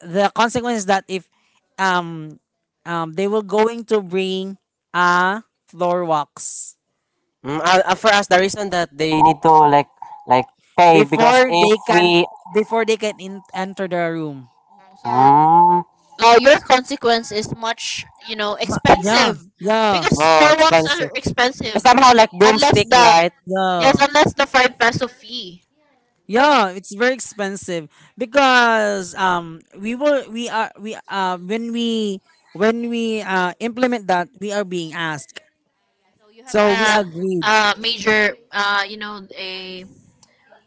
the consequence is that if um um they will going to bring a floor wax mm, uh, uh, for us the reason that they need to like like pay because before if they can we, before they can in, enter the room. Oh, so, mm, uh, your consequence is much, you know, Ma- yeah, expensive, yeah, because oh, four walks are expensive, expensive, somehow like unless broomstick, the, right. yes, yeah. unless the five peso fee. Yeah, it's very expensive because um we will we are we uh when we when we uh implement that we are being asked. So you have So we a, agreed a major, uh, you know, a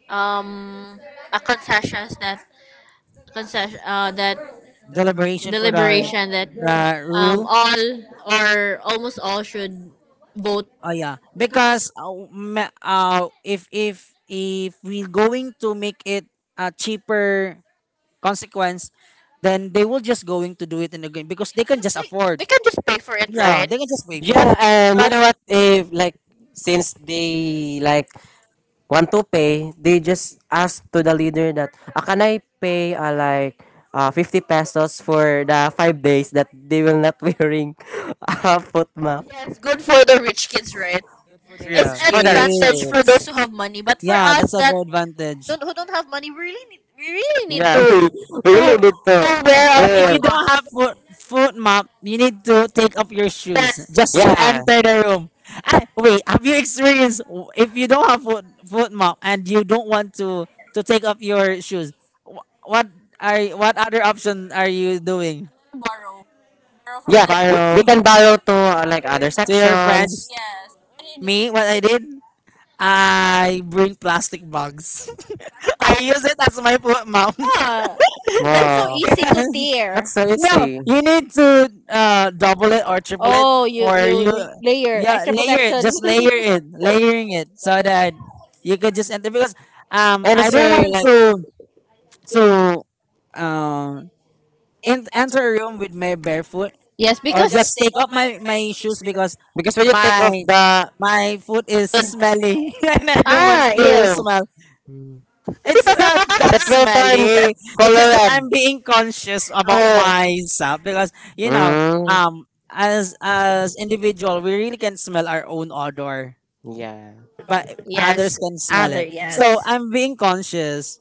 um a concessions that concession uh, that deliberation the for the liberation that uh, um rule. all or almost all should vote. Oh yeah, because uh, ma- uh, if if if we're going to make it a cheaper consequence, then they will just going to do it in the game because they can Because just they afford. they can just pay for it, Yeah, right? they can just pay for But it. Yeah, and you But know what? If like, since they like want to pay, they just ask to the leader that, ah, can I pay uh, like uh, fifty pesos for the five days that they will not wearing a foot map? yes, good for the rich kids, right? good for the It's rich Yeah, for an the rich advantage kids. for those kids. who have money, but for Yeah, us that's a that very advantage. don't who don't have money, we really need we really need Yeah, to we, we to, really need to. to wear our But if flip. We, you don't have foot foot mop, you need to take off your shoes Yes, just to yeah, enter the room. Ah, wait, have you experienced w- if you don't have foot foot mop and you don't want to to take off your shoes? wh- What are what other option are you doing, borrow borrow from yeah, them. we, Pyro? we can borrow to, uh, like other To your friends, sections. Yes, what do you me, what I did, I bring plastic bags. I do? use it as my foot mop. Yeah, Wow, to tear. that's so No, easy. you need to uh double it or triple it Oh, for you. Yeah, layer it. Just layer it, layering it, so that you could just enter. Because um, And I it's don't really want like, to to uh in, enter a room with my barefoot yes, or or just take off my my shoes because because when you take my off my foot is it's smelly and I don't want ah to smell. the It's not that because Peppercorn smelly. It's just that colored. I'm being conscious about myself because you know, Mm, um, as as individual, we really can smell our own odor, yeah. but others yes, can smell it. So yes. I'm being conscious.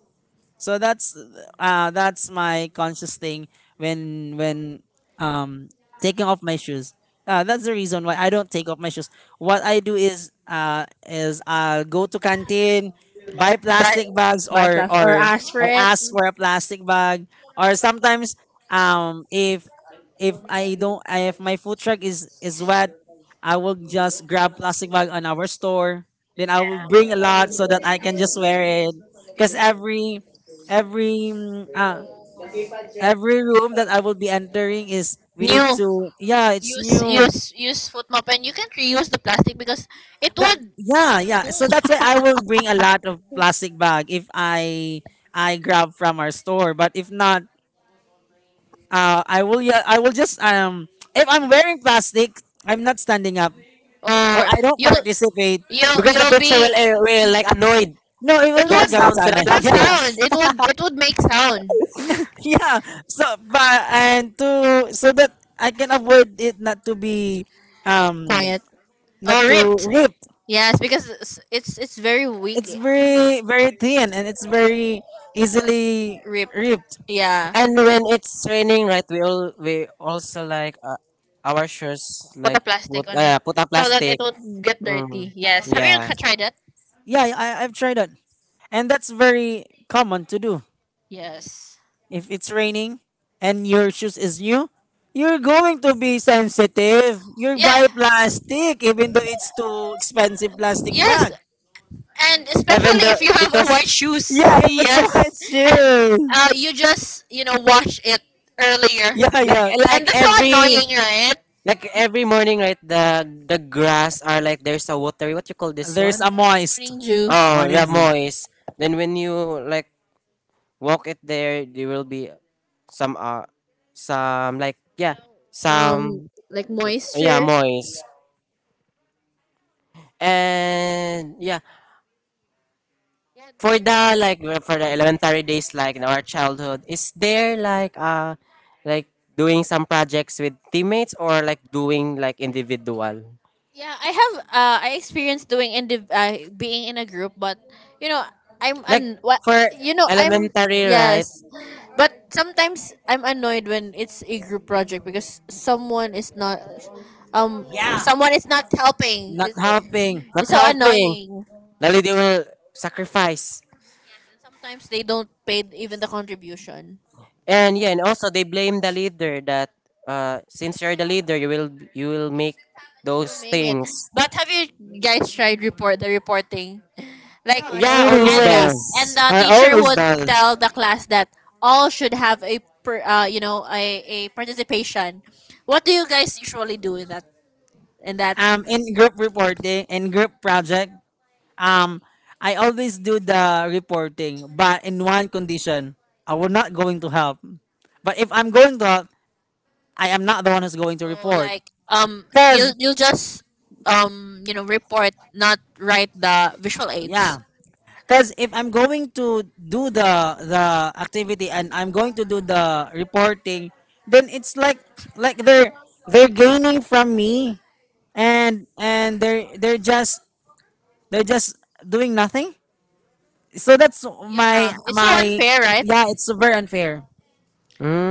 So that's uh that's my conscious thing when when um taking off my shoes. Uh, that's the reason why I don't take off my shoes. What I do is uh is I'll go to canteen, buy But plastic bags by or plus or or aspirin. ask for a plastic bag or sometimes um if if I don't if my food truck is is wet, I will just grab plastic bag on our store. Then I will bring a lot so that I can just wear it. Cause every every mm, ah every room that I will be entering is we need New, to yeah it's use new use use foot mop and you can't reuse the plastic because it that would. yeah, yeah, so that's why I will bring a lot of plastic bag if I I grab from our store, but if not, uh I will yeah I will just um if I'm wearing plastic I'm not standing up or Oh, I don't you participate. you Because the you'll picture will, be, uh, will like annoyed No, it it will to the not would, going sounds to the China. it would Yeah, sound plastics. it would it would make sound yeah. So, but and to so that I can avoid it not to be um quiet not or to ripped. ripped. Yes, because it's it's, it's very It's weak, very very thin and it's very easily ripped. ripped. Yeah, And when it's raining, right, we all we also like, uh, our shirts put like, a put plastic on uh, it put a so that it plastic. won't get, Mm. Mm, dirty. Yes, have you yeah. tried that? Yeah, I, I've tried it, and that's very common to do. Yes, If it's raining and your shoes is new, you're going to be sensitive. You yeah, buy plastic, even though it's too expensive plastic yes. bag. And Even especially the if you have a white because shoes. Yeah, if it's white Yes, and shoe. uh, you just you know wash it earlier, Yeah, like, yeah. eh, like and that's so every annoying, right? like every morning, right, the the grass are like there's a watery. What you call this There's one? a moist Annoying, Ju. Oh, morning yeah, dew. moist. Then when you like walk it, there there will be some uh some like, yeah, um some, like yeah, moisture. moist, and yeah. Yeah, For the like, uh, for the elementary days, like in our childhood, is there like uh like doing some projects with teammates, or like doing like individual, yeah, I have. Uh, I experienced doing indiv- uh, being in a group, but you know, I'm like like an what, for you know I'm, elementary, right, yes, but sometimes I'm annoyed when it's a group project because someone is not, um, Yeah, someone is not helping. not It's, helping. not it's so helping, annoying. lalo they will sacrifice. Sometimes they don't pay even the contribution. And yeah, and also they blame the leader that, uh, since you're the leader, you will you will make You'll those make it. things. But have you guys tried report the reporting? Like Yeah, I Yeah, always and the and does. always. the I teacher always would does. tell the class that all should have a per, uh, you know a, a participation. What do you guys usually do in that in that? Um, in group reporting, in group project, um, I always do the reporting, but in one condition, I will not going to help. But if I'm going to help, I am not the one who's going to oh report. like um you Cause you just um you know report not write the visual aids. yeah, cause if I'm going to do the the activity and I'm going to do the reporting, then it's like like they're they're gaining from me and and they're they're just They're just doing nothing. So that's Yeah, my it's so my unfair, right? yeah. It's very unfair.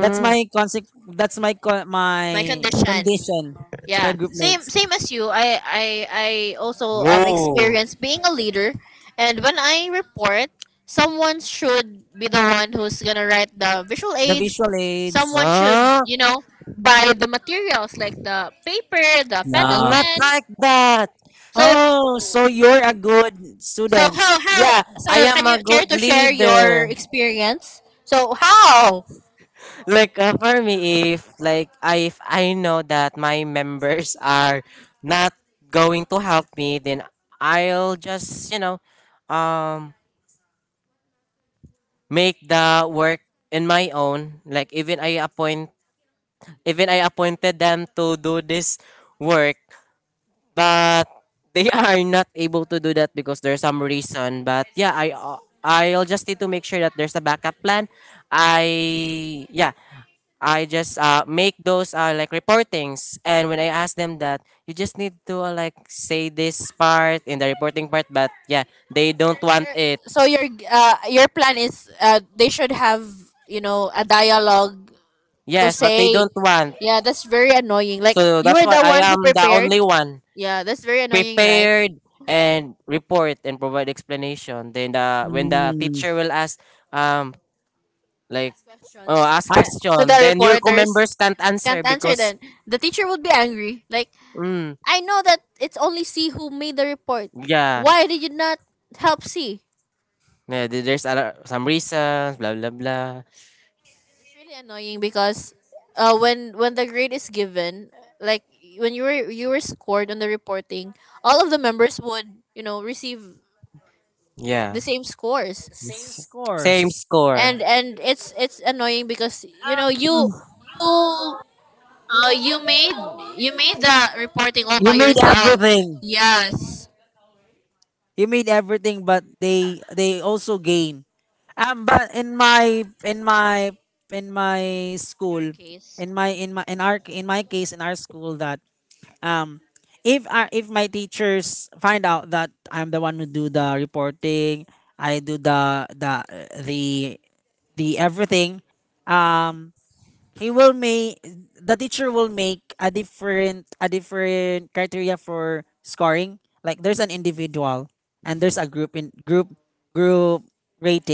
That's my conse- That's my co- My my condition, condition to my yeah, group same mates. same as you. I i i also um Whoa. experience being a leader, and when I report, someone should be the one who's gonna write the visual The aids. visual aids. Someone should, Huh? you know buy the materials like the paper, the panel I'm Yeah. not pen. like that. So, Oh, so you're a good so student. how how Yeah, I so can am a you care good to share leader. your experience, so how? Like, uh, for me, if like, I, if I know that my members are not going to help me, then I'll just, you know, um, make the work in my own. Like even I appoint even I appointed them to do this work, but they are not able to do that because there's some reason. But yeah, I I'll just need to make sure that there's a backup plan. I, yeah. I just, uh, make those, uh, like reportings, and when I ask them that, you just need to, uh, like say this part in the reporting part, but yeah, they don't want Your, it. so your uh, your plan is uh, they should have you know a dialogue to Yes, but they say. don't want. Yeah, that's very annoying, like So you that's were why the I one who am the prepared. only one Yeah, that's very annoying, right? prepared and report and provide explanation. Then the when the Hmm. teacher will ask, um like, Questions oh, ask I, to the question, then your co-members reporters, can't answer can't answer, because, then the teacher would be angry like, mm, I know that it's only C who made the report, yeah, why did you not help C? yeah, there- there's other, some reasons, blah blah blah, It's really annoying because uh when when the grade is given, like when you were you were scored on the reporting, all of the members would, you know, receive yeah, the same scores. same same scores. score. And and it's it's annoying because you know Um, you, you uh, you made, you made the reporting all you by made yourself. everything. Yes. You mean everything, but they they also gain. Um, but in my in my in my On your school, case. in my in my in our in my case in our school that um if our if my teachers find out that I'm the one who do the reporting, I do the the the the everything. Um, he will make the teacher will make a different a different criteria for scoring, like there's an individual and there's a group in group group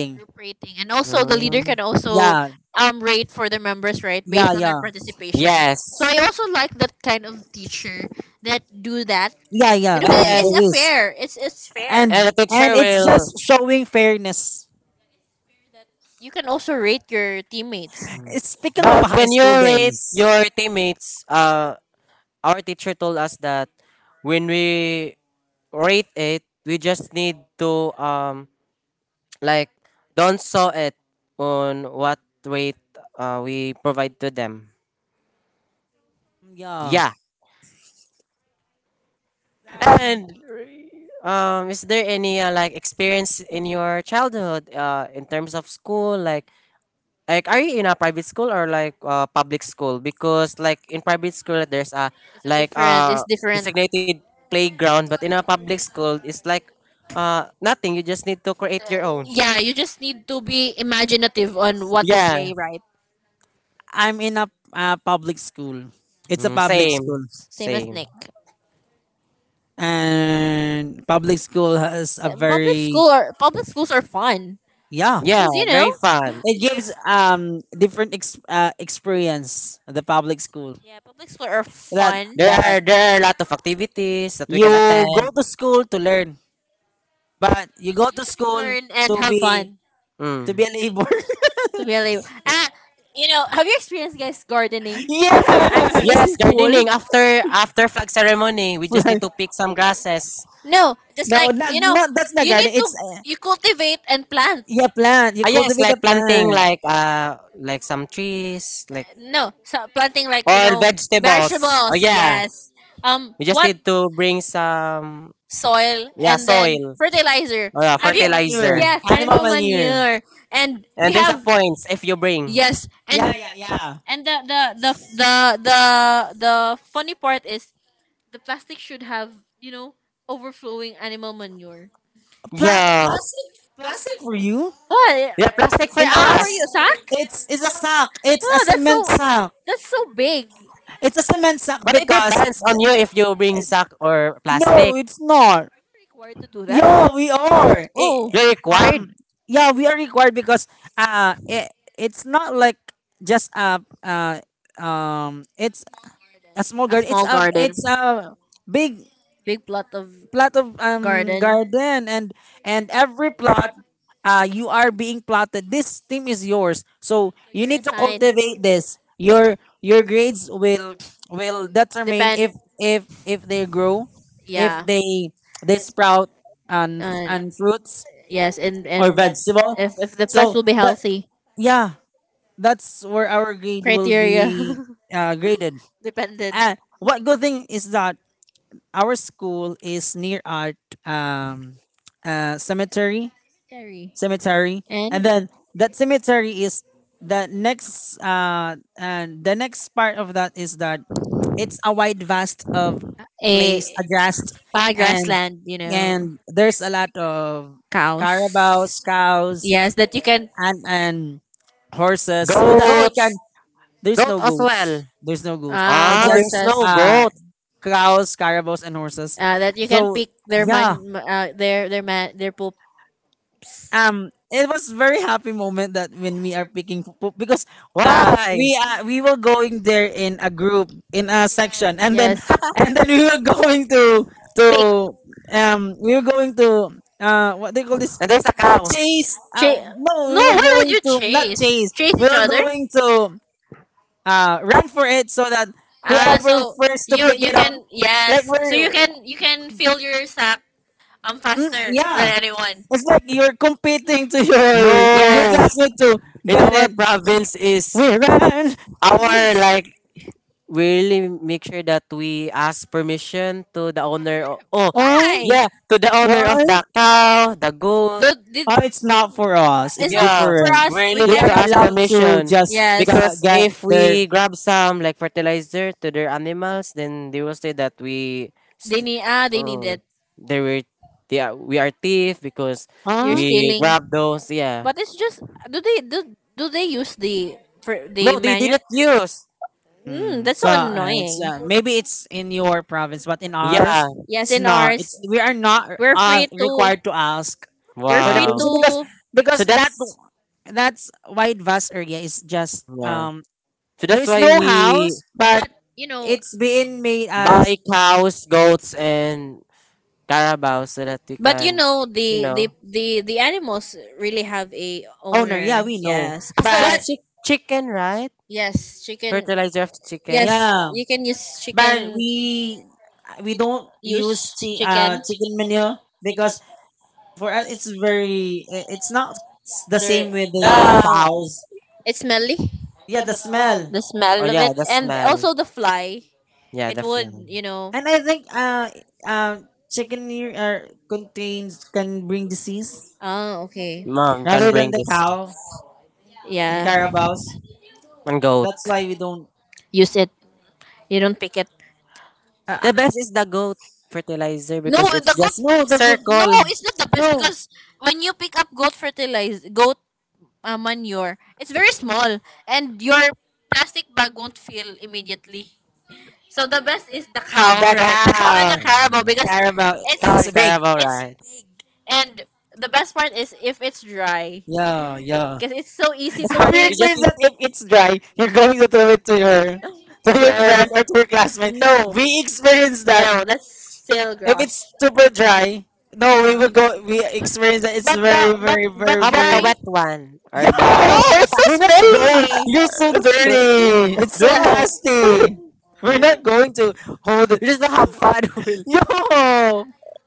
A group rating, and also the leader Mm, can also, yeah yeah, um rate for the members, right, based yeah on their, yeah correct, participation. So, yes, yes, I also like that kind of teacher that do that. Yeah, yeah yeah. yeah, It, there's okay, it's and there a is fair, it's it's fair and and the and teacher it's will. just showing fairness. that you can also rate your teammates. It's speaking of But high when you school rate days. your teammates, uh, our teacher told us that when we rate it, we just need to, um like don't saw it on what weight uh, we provide to them. Yeah, Yeah. um, And um, is there any, uh, like experience in your childhood, uh, in terms of school, like Like, are you in a private school or like, uh, public school? Because like in private school, there's a It's a like, different, uh it's different. designated playground, but in a public school, it's like uh nothing. You just need to create your own. Yeah, you just need to be imaginative on what to Yeah, play, right? I'm in a, a public school, it's a mm, Same as public Dom, same, school. same as same. Nick. And public school has a Uh, public very school are, public schools are fun. Yeah, yeah. Yeah, because you know, very fun. It gives um different ex- uh, experience at the public school, yeah, public school are that fun. There that are there are a lot of activities that we you can attend. go to school to learn, but you go You to can school learn and to have be fun. to Mm. be a labor. To really, ah, you know, have you experienced guys gardening at, yes, Yes, in Yes, school? gardening after after flag ceremony, we just need plant. to pick some grasses. No, just No, like, no, not, you know, no, not that's not you garden. need to It's uh, you cultivate and plant. yeah, plant. You Ah, yes, cultivate the like planting plant. like uh like some trees, like, No, so planting like you or know vegetables. Oh vegetables. yeah. Yeah. Yes. Um, We just what, need to bring some, soil yeah, and then soil fertilizer. or, uh, Have Animal you? manure. fertilizer. Yes, Animal animal manure. manure. And we And there's a have, points if you bring. yes, yeah, and Yeah, yeah, yeah. yeah. And the the the the the, the funny part is the plastic should have, you know, overflowing animal manure. Pla- Yeah. plastic, plastic for you What? Yeah, The plastic plastic. for in For, for us. you, us. has sack? It's it's a sack. It's a Oh, that's, cement so sack. that's so big. It's a cement sack But it because depends on you if you bring sack or plastic. no, it's not. Required to do that? Yeah, we are. Eh, Oh, You're required. um, yeah, we are required because uh, it, it's not like just a uh, um, it's a small a garden. It's small a garden, it's a big big plot of plot of um garden. garden, and and every plot, uh you are being plotted this team is yours so So you you're need to assigned, cultivate this. Your your grades will will determine depend. if if if they grow, if Yeah, they they sprout and and fruit. and fruits Yes, and or or and vegetable, if if the plants so will be that healthy, yeah that's where our grade will criteria, be uh, graded. dependent. uh, what good thing is that our school is near our um, uh, cemetery, Terry. cemetery, And and then that cemetery is the next. Uh, and the next part of that is that it's a wide vast of a place, a grassed, pa and grassland, you know, and there's a lot of cows. carabaos, cows, Yes, that you can, and and horses, so that we Goat. goats, can there's Goat no as goats. well. There's no goats. ah, It's Ah, just there's horses, no uh goat. cows, carabaos, and horses. uh, that you can So pick their yeah, man, uh, their their man, their poops. um, it was very happy moment that when we are picking pupu because uh Why? we uh, we were going there in a group in a section and then Yes, and then we were going to pick. to um we were going to uh what they call this And there's a cow. chase uh Cha-, no no, we were why would going you to not chase? chase Chase we each were other? going to uh, run for it so that Ah, whoever so first to you pick you it up, can, like yes, so you we're, can, you can fill your sack um mm, faster yeah, than anyone. it's like you're competing to No. your your Yes. classmate to In get our it. province is We run. our like, we really make sure that we ask permission to the The owner? owner. o- Oh, Oh, Why? yeah, to the owner of why? the cow, the goat. The, the, Oh, it's not for us. It's it's not Yeah, for different. us. we we We really We need can, are to ask allowed. allowed to permission just get, because Yes, get if their. we grab some like fertilizer to their animals, then they will say that we, they st- need. Ah, they need uh, it. they were, they are, we are thief because You're Huh? we stealing, grab those. Yeah, but it's just. Do they do, do they use the for the no, they menu? didn't use. Mm, Mm. that's so So no, it's uh, It's annoying. uh, maybe it's in your province, but in Not. ours, Yeah, Yes, it's in not. ours, It's we are not we're allowed, uh, free, allowed to required ask to ask for, we're for the free to, wow. provision because contribution, because So that that's, that's wide vast area is just yeah. um So that's there's why no we house but. but But you know, it's being made as buy cows, goats, and carabao so that we but you can, know you the know, the the the animals really have a, oh, owner, owner, yeah, yeah, we know, yes. as well But but as chi- chicken, right? yes, chicken. Fertilizer of the Yes, chicken. yeah. yeah, You can use and but chicken. We we we don't use, use use chi-, uh, chi- uh, chicken, chicken chicken manure. manure because for us it's very i- it's not s- It's the the, there, same same with the The, house. cows, It's smelly. yeah, the smell. The, oh, oh, smell of, yeah, yeah, it, the the and smell, smell. also the fly. Yeah, It the would, flame. you know. And I think uh uh, chicken manure uh, contains can bring disease Oh, okay. Mom can rather than bring the this cow and Yeah, correct, Carabao's. and goat. That's why we don't. use it. You don't pick it. Uh, uh, The best is the goat fertilizer No, because the it's goat. just no, the good. No, circle it's not the best No, because when you pick up goat fertilizer, goat uh, manure, it's very small, and your plastic bag won't fill immediately. So the best is the cow, the right? The cow and cow. the carabao because Carabao. cow It's a and it's big. carabao, it's right? big, and the best part is if it's dry Yeah, yeah. because it's so easy It's to Have bright. you pick. You just experienced need, that if it's dry, you're going to throw it to your to your friend Yes. or to your classmate? No. We experienced that. No, that's still If it's gross. super dry, no, we will go. We experience that. It's But very, the, but very, very, how but about the very. dry. wet one or the No, Yo, it's we're so not going. smelly. You're so dirty. It's so no? That, nasty. We're not going to hold. You just don't have fun with Yo,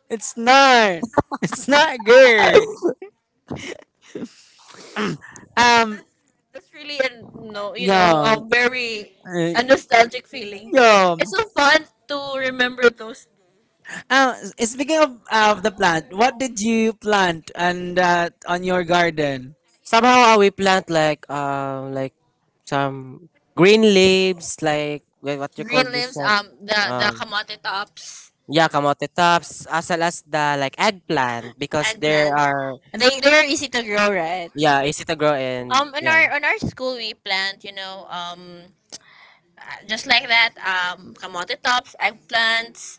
it's not. It's not good. Um, that's really a no, you know, a yo, very uh, a nostalgic feeling. yo. It's so fun to remember those. Uh, Speaking of of the plant, what did you plant and uh, on your garden? You know, somehow uh, we plant like um like some green leaves like wha- what you call green this leaves, one. um, the the um kamote tops yeah, kamote tops as well as the like eggplant because and there plant. are They they're easy to grow, right? yeah easy to grow and Um, in yeah. our, on our school we plant, you know, um, uh, just like that, um, kamote tops, eggplants,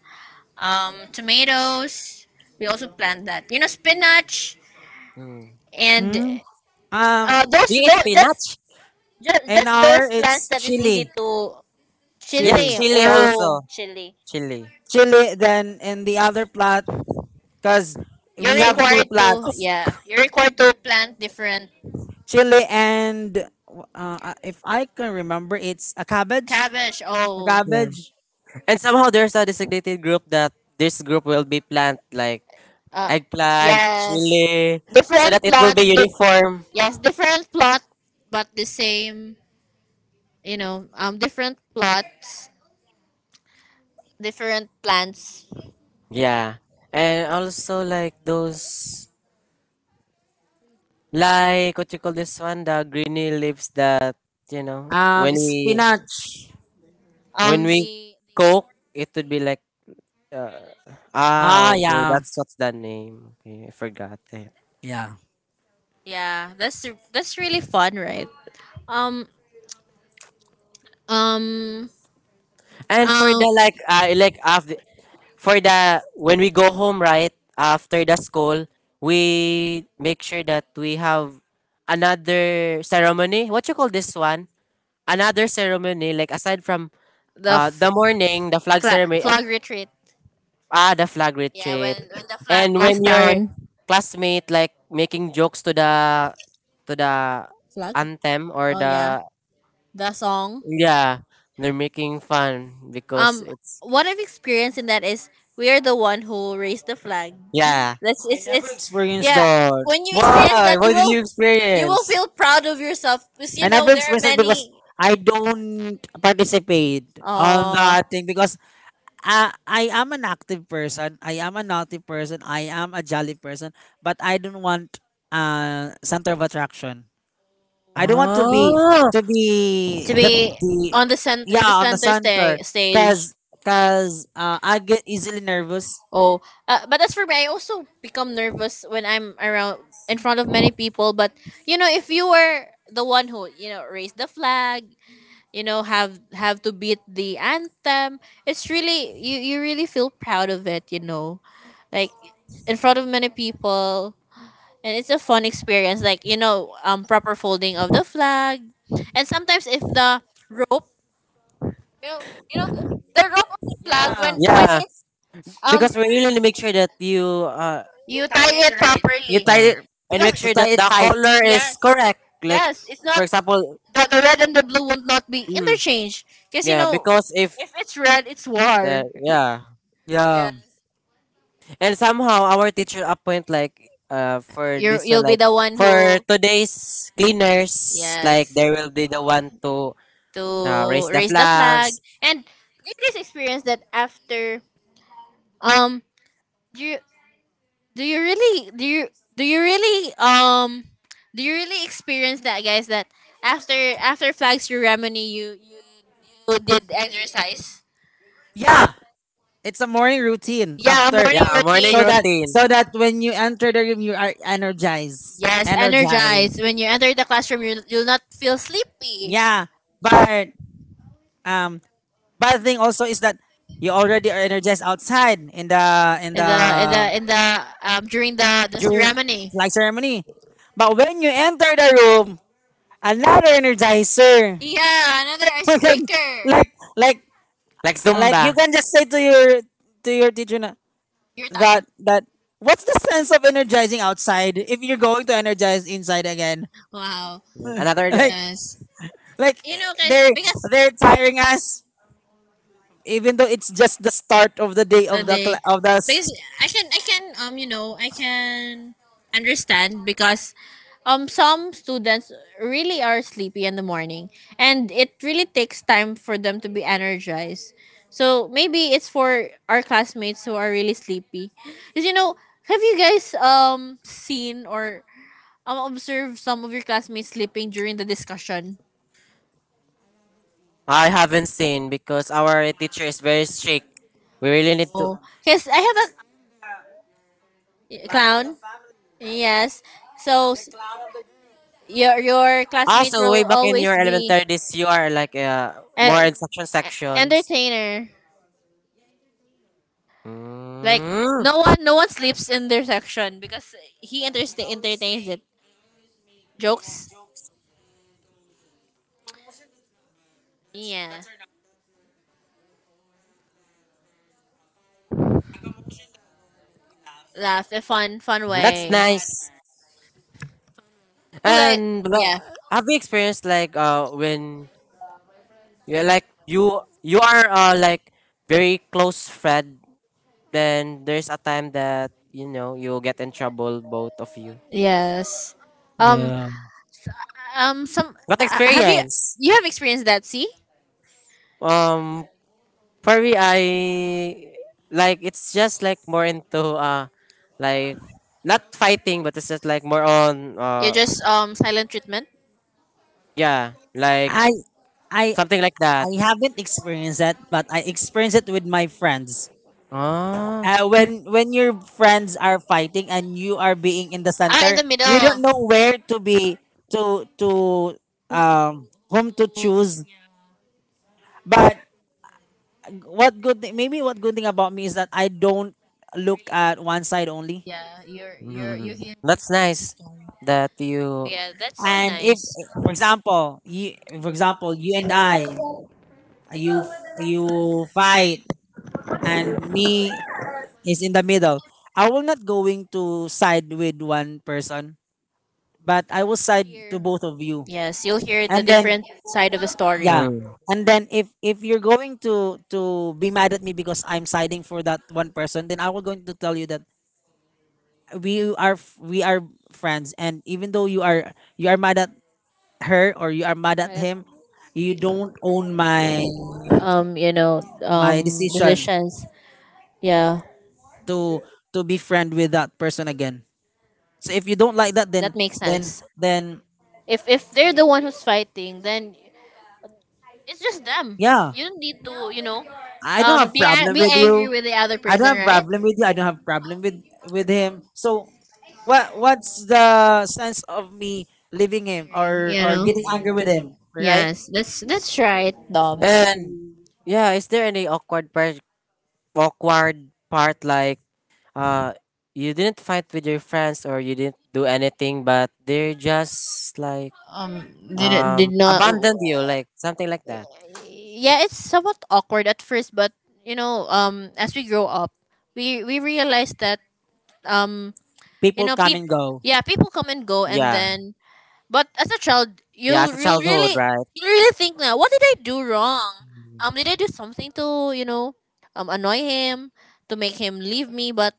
um, tomatoes. We also plant that, you know, spinach Mm. and Hmm? uh, Um, those Yeah, it's those just, spinach. just, in just those our plants it's that is easy chili, to, Yeah, chili, chili. chili also, Oh, chili. chili. chili. Then in the other plot, cause You're we have two required to, plots, yeah. You're required to plant different, chili, and uh, if I can remember, it's a cabbage, cabbage. a Oh. Yeah, cabbage. and somehow there's a designated group that this group will be plant like Uh, eggplant, yes, chili, so that different it will plot. be Di-, uniform. yes, different plot, but the same. You know, um, different plots, different plans. Yeah. And also like those, like what you call this one, the greeny leaves that you know when Um, we spinach. when Um, we the cook it would be like, ah, Ah, okay, yeah, that's what's the name. Okay, I forgot it. yeah. yeah, that's that's really fun, right? Um, um, I, And for um, the like uh like after for the when we go home right after the school, we make sure that we have another ceremony. What you call this one? Another ceremony like aside from the uh, f-, the morning, the flag flag, ceremony, eh, flag retreat. ah, the flag Yeah, retreat, when when the flag and goes when your down. classmate like making jokes to the to the Flag? anthem or Oh yeah, the, the song. yeah, they're making fun because Um, it's what I've experienced in that is we are the one who raised the flag. yeah. That's, I, I it's never it's experienced yeah. the. When you experience Why? that, you What did will, you you will experience? feel proud of yourself because you, I I know, never never, there are experienced it experienced because it because I don't participate many. on Oh, that thing because I, I am an active person. I am a naughty person. I am a jolly person. But I don't want uh center of attraction. I don't want to be really? Ah, to To be the be the on the center, in the yeah, on the center sta-, center stage. Yes. because because uh, I get easily nervous. Oh, uh, but as for me, I also become nervous when I'm around in front of many people. But you know, if you were the one who you know raised the flag, you know have have to beat the anthem, it's really, you you really feel proud of it, you know like in front of many people, and it's a fun experience, like you know um proper folding of the flag, and sometimes if the rope, you know, you know the, the rope of the Yeah, flag tie when when yeah. it's um Because we really make sure that you uh, you, you tie, tie it, it it correct. You right. properly You tie tie uh it it, make and make because to sure sure that that tie it the the tight. color color is, is yes, correct. correct. Like Yes, it's, for for not example, example, the, the red and the blue will not be mm, interchanged because you yeah. know Because if if it's red, it's the, war. yeah. Yeah, Yeah. And somehow our teacher appoint like uh for you, this one you'll be like the one for who, today's cleaners like yes, they will be the one to uh, to raise the raise the flags. flag. And you guys experience that after um dur- do you really, do you, do you really um do you really experience that, guys, that after, after flags your remedy, you you you did exercise. Yeah, it's a morning routine Yeah, after morning Yeah, morning routine. so that routine, so that when you enter the room you are energized. Yes, energized Energized. when you enter the classroom, you, you'll not feel sleepy Yeah. But um bad thing also is that you already are energized outside in the in in the in the the in the um during the the during ceremony. flag ceremony. But when you enter the room, another energizer. Yeah, another icebreaker. like like like like you Zumba. can just say to your to your teacher na, You're tired. that that what's the sense of energizing outside if you're going to energize inside again? Wow, Another like day. yes, like you know 'kay- they because they're tiring us even though it's just the start of the day the of the day. cla of the s-. Because I can, I can um you know I can understand because um some students really are sleepy in the morning, and it really takes time for them to be energized. So maybe it's for our classmates who are really sleepy. Cuz you know, have you guys um seen or um observed some of your classmates sleeping during the discussion? I haven't seen because our teacher is very strict. We really need to. Oh, cuz I have a clown. Yes. So Your your classmate Also, way will back in always your be elementary days, you are like uh, more an instruction sections. entertainer. Like Mm, no one, no one sleeps in their section because he entertain, entertains it. Jokes. Yeah. Laugh a fun, fun that's way. nice. You guys, And well, yeah. have you experienced like uh when, yeah, like you you are uh like very close friend, then there's a time that you know you'll get in trouble, both of you. Yes. Um Yeah. um some What uh, have you, experience? you have experienced that, see? Um, for me, I like it's just like more into uh like not fighting but it's just like more on You're uh, just um silent treatment. yeah, like I I something like that. I haven't experienced that, but I experienced it with my friends, Ah, uh, when when your friends are fighting and you are being in the Ah, in center the you don't know middle. where to be to to Who-, um whom to choose but. What good thing? Maybe what good thing about me is that I don't look at one side only. yeah, you're you're you mm, hear that's the nice story. that you. Yeah, that's so And if, nice. for example, you, for example, you and I, you you fight, and me is in the middle. I will not going to side with one person, but I will side to Hear, both of you. yes, you'll hear the And then different side of the story yeah, Mm. and then if if you're going to to be mad at me because I'm siding for that one person, then I will going to tell you that we are f- we are friends, and even though you are you are mad at her or you are mad at by him, you don't own my um you know by my um decision decisions. Yeah. to to be friend with that person again. So if you don't like Yes, that, then that makes then sense. then If if they're the one who's fighting, then it's just them. yeah, You don't need to you know I I don't um have be a- problem be with angry you, with the other. I don't I don't person don't have problem with you, I don't right have problem with with him. So what what's the sense of me leaving him angry or you we're, or know getting angry with him, right? yes, that's that's right, Dobbs. Well, And yeah, is there any awkward part awkward part like uh you didn't fight with your friends or you didn't do anything but they're just like um did did um not. abandoned you like something like that, Yeah, it's somewhat awkward at first, but you know, um, as we grow up, we we realize that um, you People know, come and people, go. yeah, people come and go, and yeah, then, but as a child, yeah, you'll as a you'll childhood, really, right? you really think, now what did I do wrong? Um, did I do something to you know, um, annoy him to make him leave me? But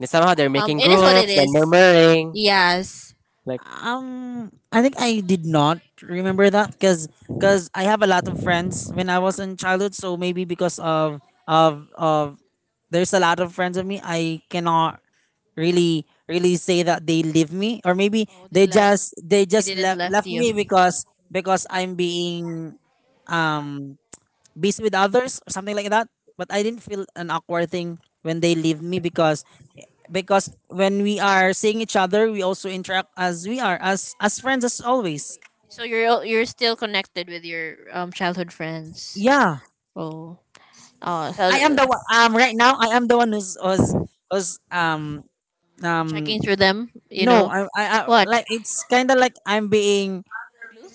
And somehow they're um, making it is what it groups then is. murmuring Yes. like Um, I think I did not remember that because because I have a lot of friends when I was in childhood. So maybe because of of of there's a lot of friends of me, I cannot really really say that they leave me, or maybe Oh, they they left. just they They just didn't left left left you. me because because I'm being um bees with others or something like that. But I didn't feel an awkward thing when they leave me, because because when we are seeing each other, we also interact as we are as as friends as always. So you're al- you're still connected with your um childhood friends. Yeah, Oh. Oh, so I am th- the one. Um, right now I am the one who's was was um checking um through them, you no know. I I, I, What? like, it's kind of like I'm being. Glue?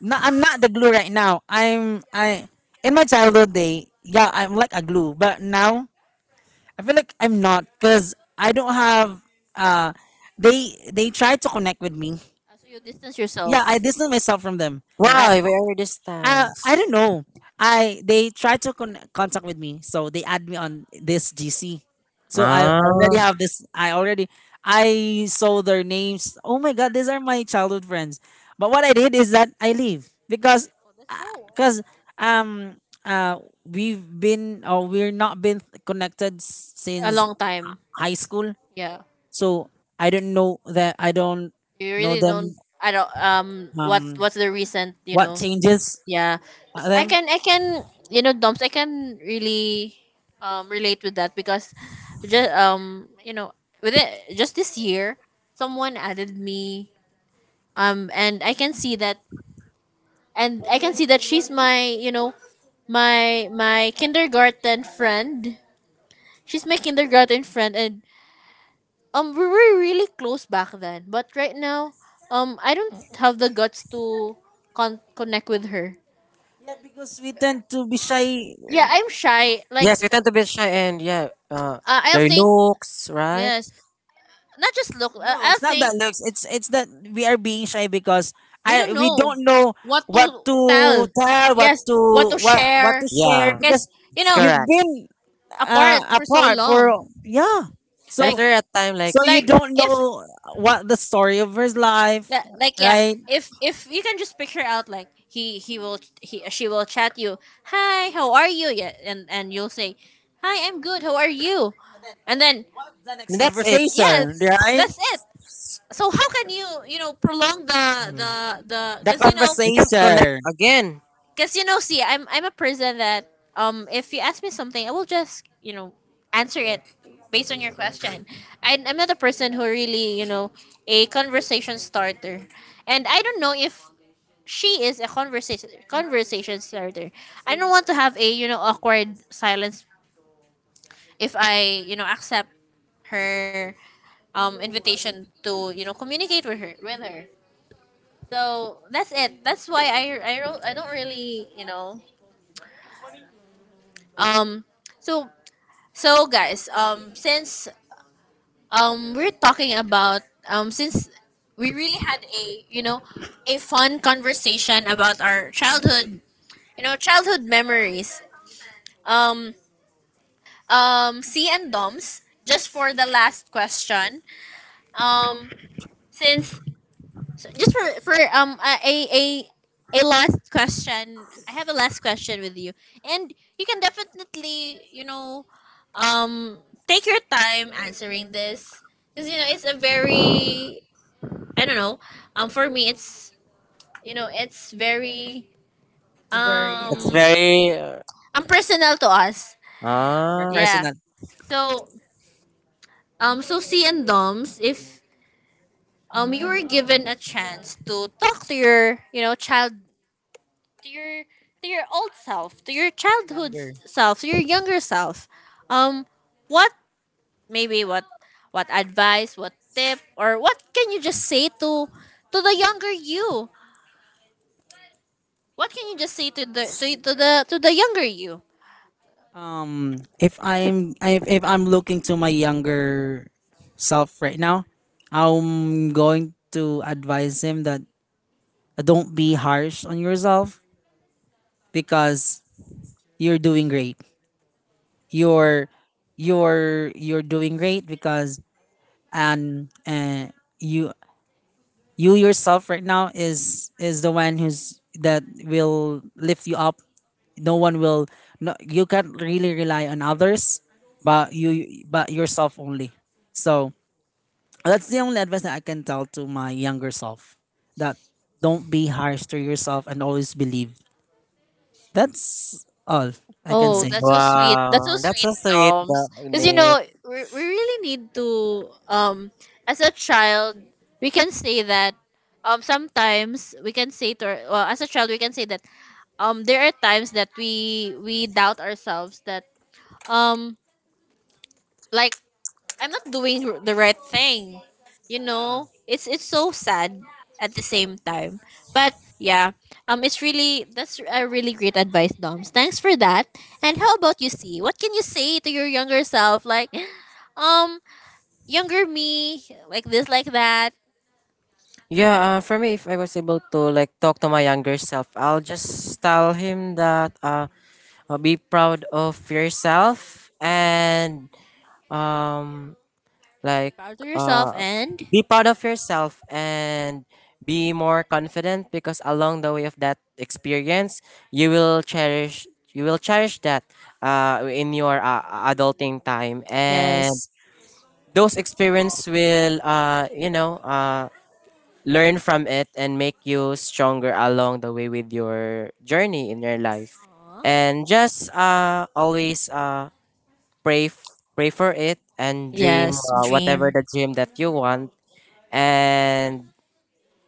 No, I'm not the glue right now. I'm I in my childhood day, yeah, I'm like a glue, but now I feel like I'm not because I don't have. Uh, they they try to connect with me. Ah, so you distance yourself. Yeah, I distance myself from them. I why we are uh, I distance. don't know. I they tried to con- contact with me, so they add me on this G C. So I already Ah, have this. I already I saw their names. Oh my god, these are my childhood friends. But what I did is that I leave because Oh, that's so because um uh we've been, or we're not been, connected s- a since long time. high school. Yeah. So I don't know that I don't You know really don't. them. I don't. Um. What Um, What's the recent? You what know. changes Yeah. So I them? can. I can. You know, Doms, I can really, um, relate with that because, just um, you know, with it just this year, someone added me. Um, and I can see that, and I can see that she's my. You know, my my kindergarten friend. She's my kindergarten friend, and Um, we were really close back then, but right now, um, I don't have the guts to con- connect with her. Yeah, because we tend to be shy. Yeah, I'm shy. Like, yes, we tend to be shy, and yeah, uh uh, I'll their think. looks, right? Yes, not just look. Uh, No, I'll it's not think. that looks. It's it's that we are being shy because We don't I we know don't know what what to to tell. tell, what Yes, what to to what what share. to share Yeah, because Cause, you it's know, you've correct. been uh, apart for so apart for long. yeah. And if Like, So they're at time like, so you like don't if know what the story of his life, li- like, yeah, right? if if you can just picture out, like, he he will he she will chat you hi, how are you? Yeah, and and you'll say hi, I'm good, how are you? And then The next that's it. conversation, yes, right? that's it. So how can you, you know, prolong the Mm, the the, The because you know, you can't connect conversation. again. because you know see, i'm I'm a person that um if you ask me something I will just, you know, answer it based on your question. I, I'm not a person who really, you know, a conversation starter, and I don't know if she is a conversation conversation starter. I don't want to have a, you know, awkward silence if I, you know, accept her um invitation to, you know, communicate with her with her. So that's it. That's why I I don't, I don't really, you know, um so, so guys, um since um we're talking about, um since we really had a, you know, a fun conversation about our childhood, you know, childhood memories. um, um C and Doms, just for the last question. Um since so, just for for um a a a a last question. I have a last question with you. And you can definitely, you know, um take your time answering this because, you know, it's a very, I don't know. Um for me, it's, you know, it's very, It's um very uh, um personal to us. Yeah, yeah, per- ah, Yeah. personal, So um so, C and Doms, if um you were given a chance to talk to your, you know, child, to your to your old self to your childhood younger. s- self to your younger self, um what, maybe what what advice, what tip, or what can you just say to to the younger you? What can you just say to the to, to the to the younger you? Um, if I'm if, if I'm looking to my younger self right now, I'm going to advise him that don't be harsh on yourself because you're doing great. You're you're you're doing great because and uh, you you yourself right now is is the one who's that will lift you up. No one will, no, you can't really rely on others but you but yourself only. So that's the only advice that I can tell to my younger self, that don't be harsh to yourself, and always believe. That's all I can Oh, mm, say. that's so sweet. That's wow. so That's sweet, so sweet, tha- Doms. Because, you Nick. know, we, we really need to um as a child, we can say that um sometimes we can say to our, well, as a child we can say that um there are times that we we doubt ourselves that um like, I'm not doing r- the right thing. You Yeah. know, it's it's so sad at the same time. But yeah, um, it's really, that's a really great advice, Doms. Thanks for that. And how about you, see? What can you say to your younger self, like, um, younger me, like this, like that? Yeah, uh, for me, if I was able to like talk to my younger self, I'll just tell him that uh, uh, be proud of yourself and um, Yeah, be like, proud of yourself uh, and. be proud of yourself and be more confident because along the way of that experience, you will cherish you will cherish that uh, in your uh, Aw. adulting time, and Yes. those experience will uh, you know, uh, learn from it and make you stronger along the way with your journey in your life, Aw. and just uh, always uh, pray f- pray for it and dream, Yes, uh, whatever dream. the dream that you want, and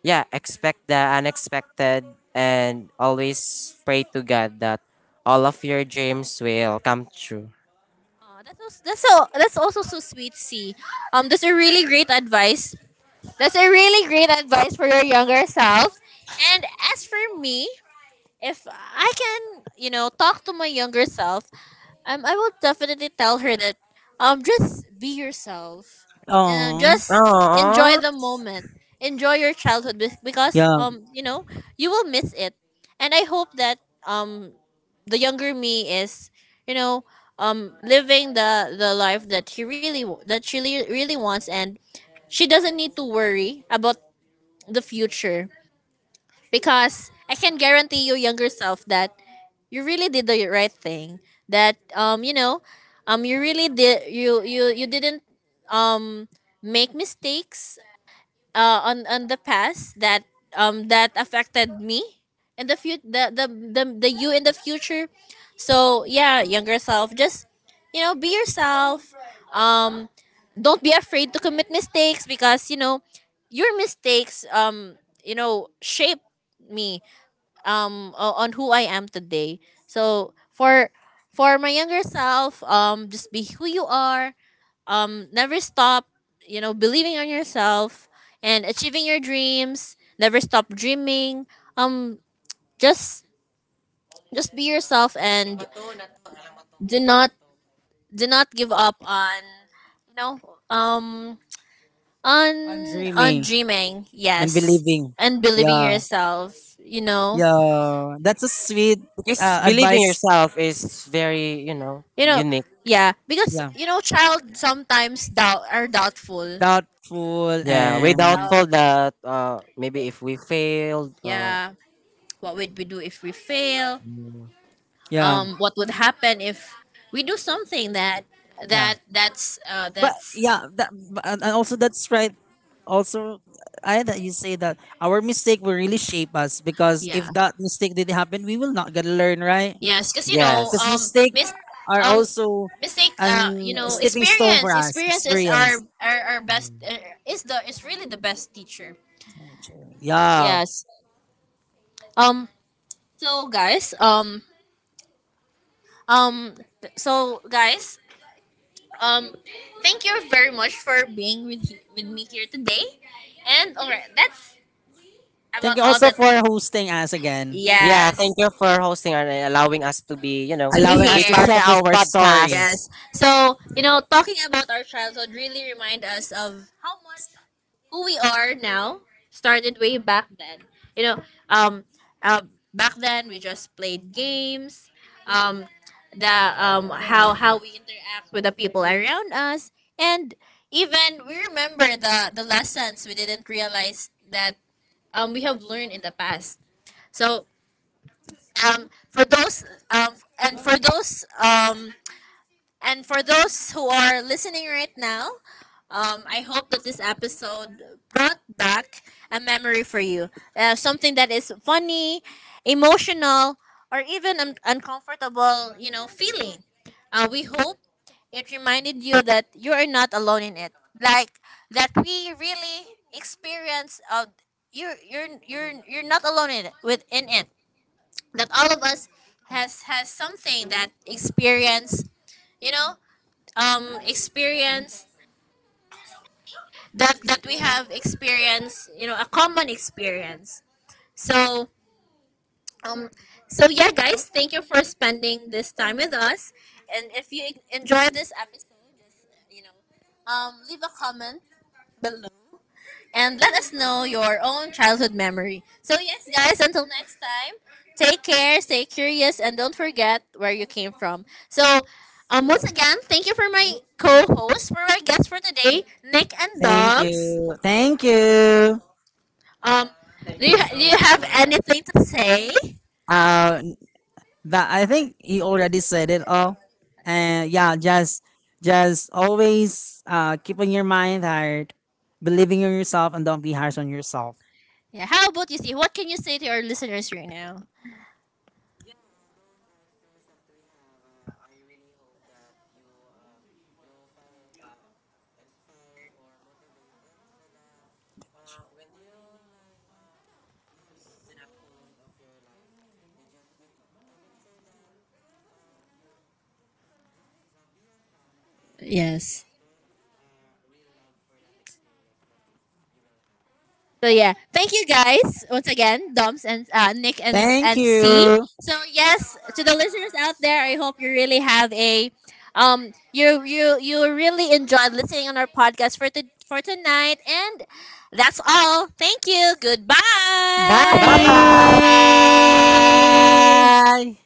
yeah, expect the unexpected, and always pray to god that all of your dreams will come true. Aw, that's also, that's so, that's also so sweet, see. Um, that's a really great advice. That's a really great advice for your younger self. And as for me, if I can, you know, talk to my younger self, um, I will definitely tell her that um just be yourself and Oh, just Aww. enjoy the moment. Enjoy your childhood be- because, yeah. um you know, you will miss it. And I hope that um the younger me is, you know, um living the the life that he really w- that she really really wants, and she doesn't need to worry about the future, because I can guarantee your younger self that you really did the right thing. That, um you know, um you really did, you you you didn't um make mistakes uh, on on the past, that um that affected me in the fut the, the the the you in the future. So yeah, younger self, just, you know, be yourself. Um, don't be afraid to commit mistakes, because, you know, your mistakes, um you know, shape me, um o- on who I am today. So for for my younger self, um, just be who you are, um, never stop, you know, believing on yourself and achieving your dreams. Never stop dreaming. Um, just just be yourself and do not do not give up on, you know, um on I'm on dreaming dreaming. and Yes, believing. and believing Yeah, yourself. You know, yeah, that's a sweet Because uh, believing advice. yourself is very, you know, you know, unique. yeah, because, Yeah, you know, child sometimes doubt, are doubtful. doubtful, Yeah, we and doubtful Doubt. that uh maybe if we failed uh, Yeah, what would we do if we fail? mm, yeah, um, What would happen if we do something that yeah. that that's uh, But that's yeah, that but- and and also that's right. Also, I that you say that our mistake will really shape us because yeah. if that mistake didn't happen, we will not gonna learn, right? Yes, because, you know. Yes. Because um yes. Yes. mistakes mis- are um also mistake, a uh you know, stepping stone for experience, us, experiences are experience. are, are best, Mm. uh, is the, is really the best teacher. Yeah. Yes. um so guys, um um th- so guys, um thank you very much for being with he- with me here today. And all right, that's Thank about you all also that. for hosting us again, Yeah, thank Yes, you for hosting and allowing us to be, you know, to be allowing to us be to here. part share of this our story. podcast. Yes. So, you know, talking about our childhood really remind us of how much who we are now started way back then. You know, um, uh, back then we just played games, um, the um, how how we interact with the people around us, and even we remember the the lessons we didn't realize that, um, we have learned in the past. So, um, for those um, and for those um, and for those who are listening right now, um, I hope that this episode brought back a memory for you. Uh, something that is funny, emotional, or even un- uncomfortable, you know, feeling. Uh, we hope it reminded you that you are not alone in it. Like that we really experience, uh, you, you're you're you're not alone in it, within it. That all of us has has something that experience, you know, um experience, that that we have experience, you know, a common experience. So, um so, yeah, guys, thank you for spending this time with us. And if you enjoy this episode, just, you know, um leave a comment below and let us know your own childhood memory. So, yes, guys, until next time, take care, stay curious, and don't forget where you came from. So, um, once again, thank you for my co hosts, for our guests for today, Nick and Thank Dobbs. you. Thank you. Um, do you, do you have anything to say? Uh, that I think he already said it all. And yeah, just just always uh, keeping your mind hard, believing in yourself, and don't be harsh on yourself. Yeah, how about you, see? What can you say to our listeners right now? Yes. So yeah, thank you guys once again, Doms and, uh, Nick and Thank and C. you. So yes, to the listeners out there, I hope you really have a, um you you you really enjoyed listening on our podcast for to, for tonight. And that's all. Thank you. Goodbye. Bye Bye. bye.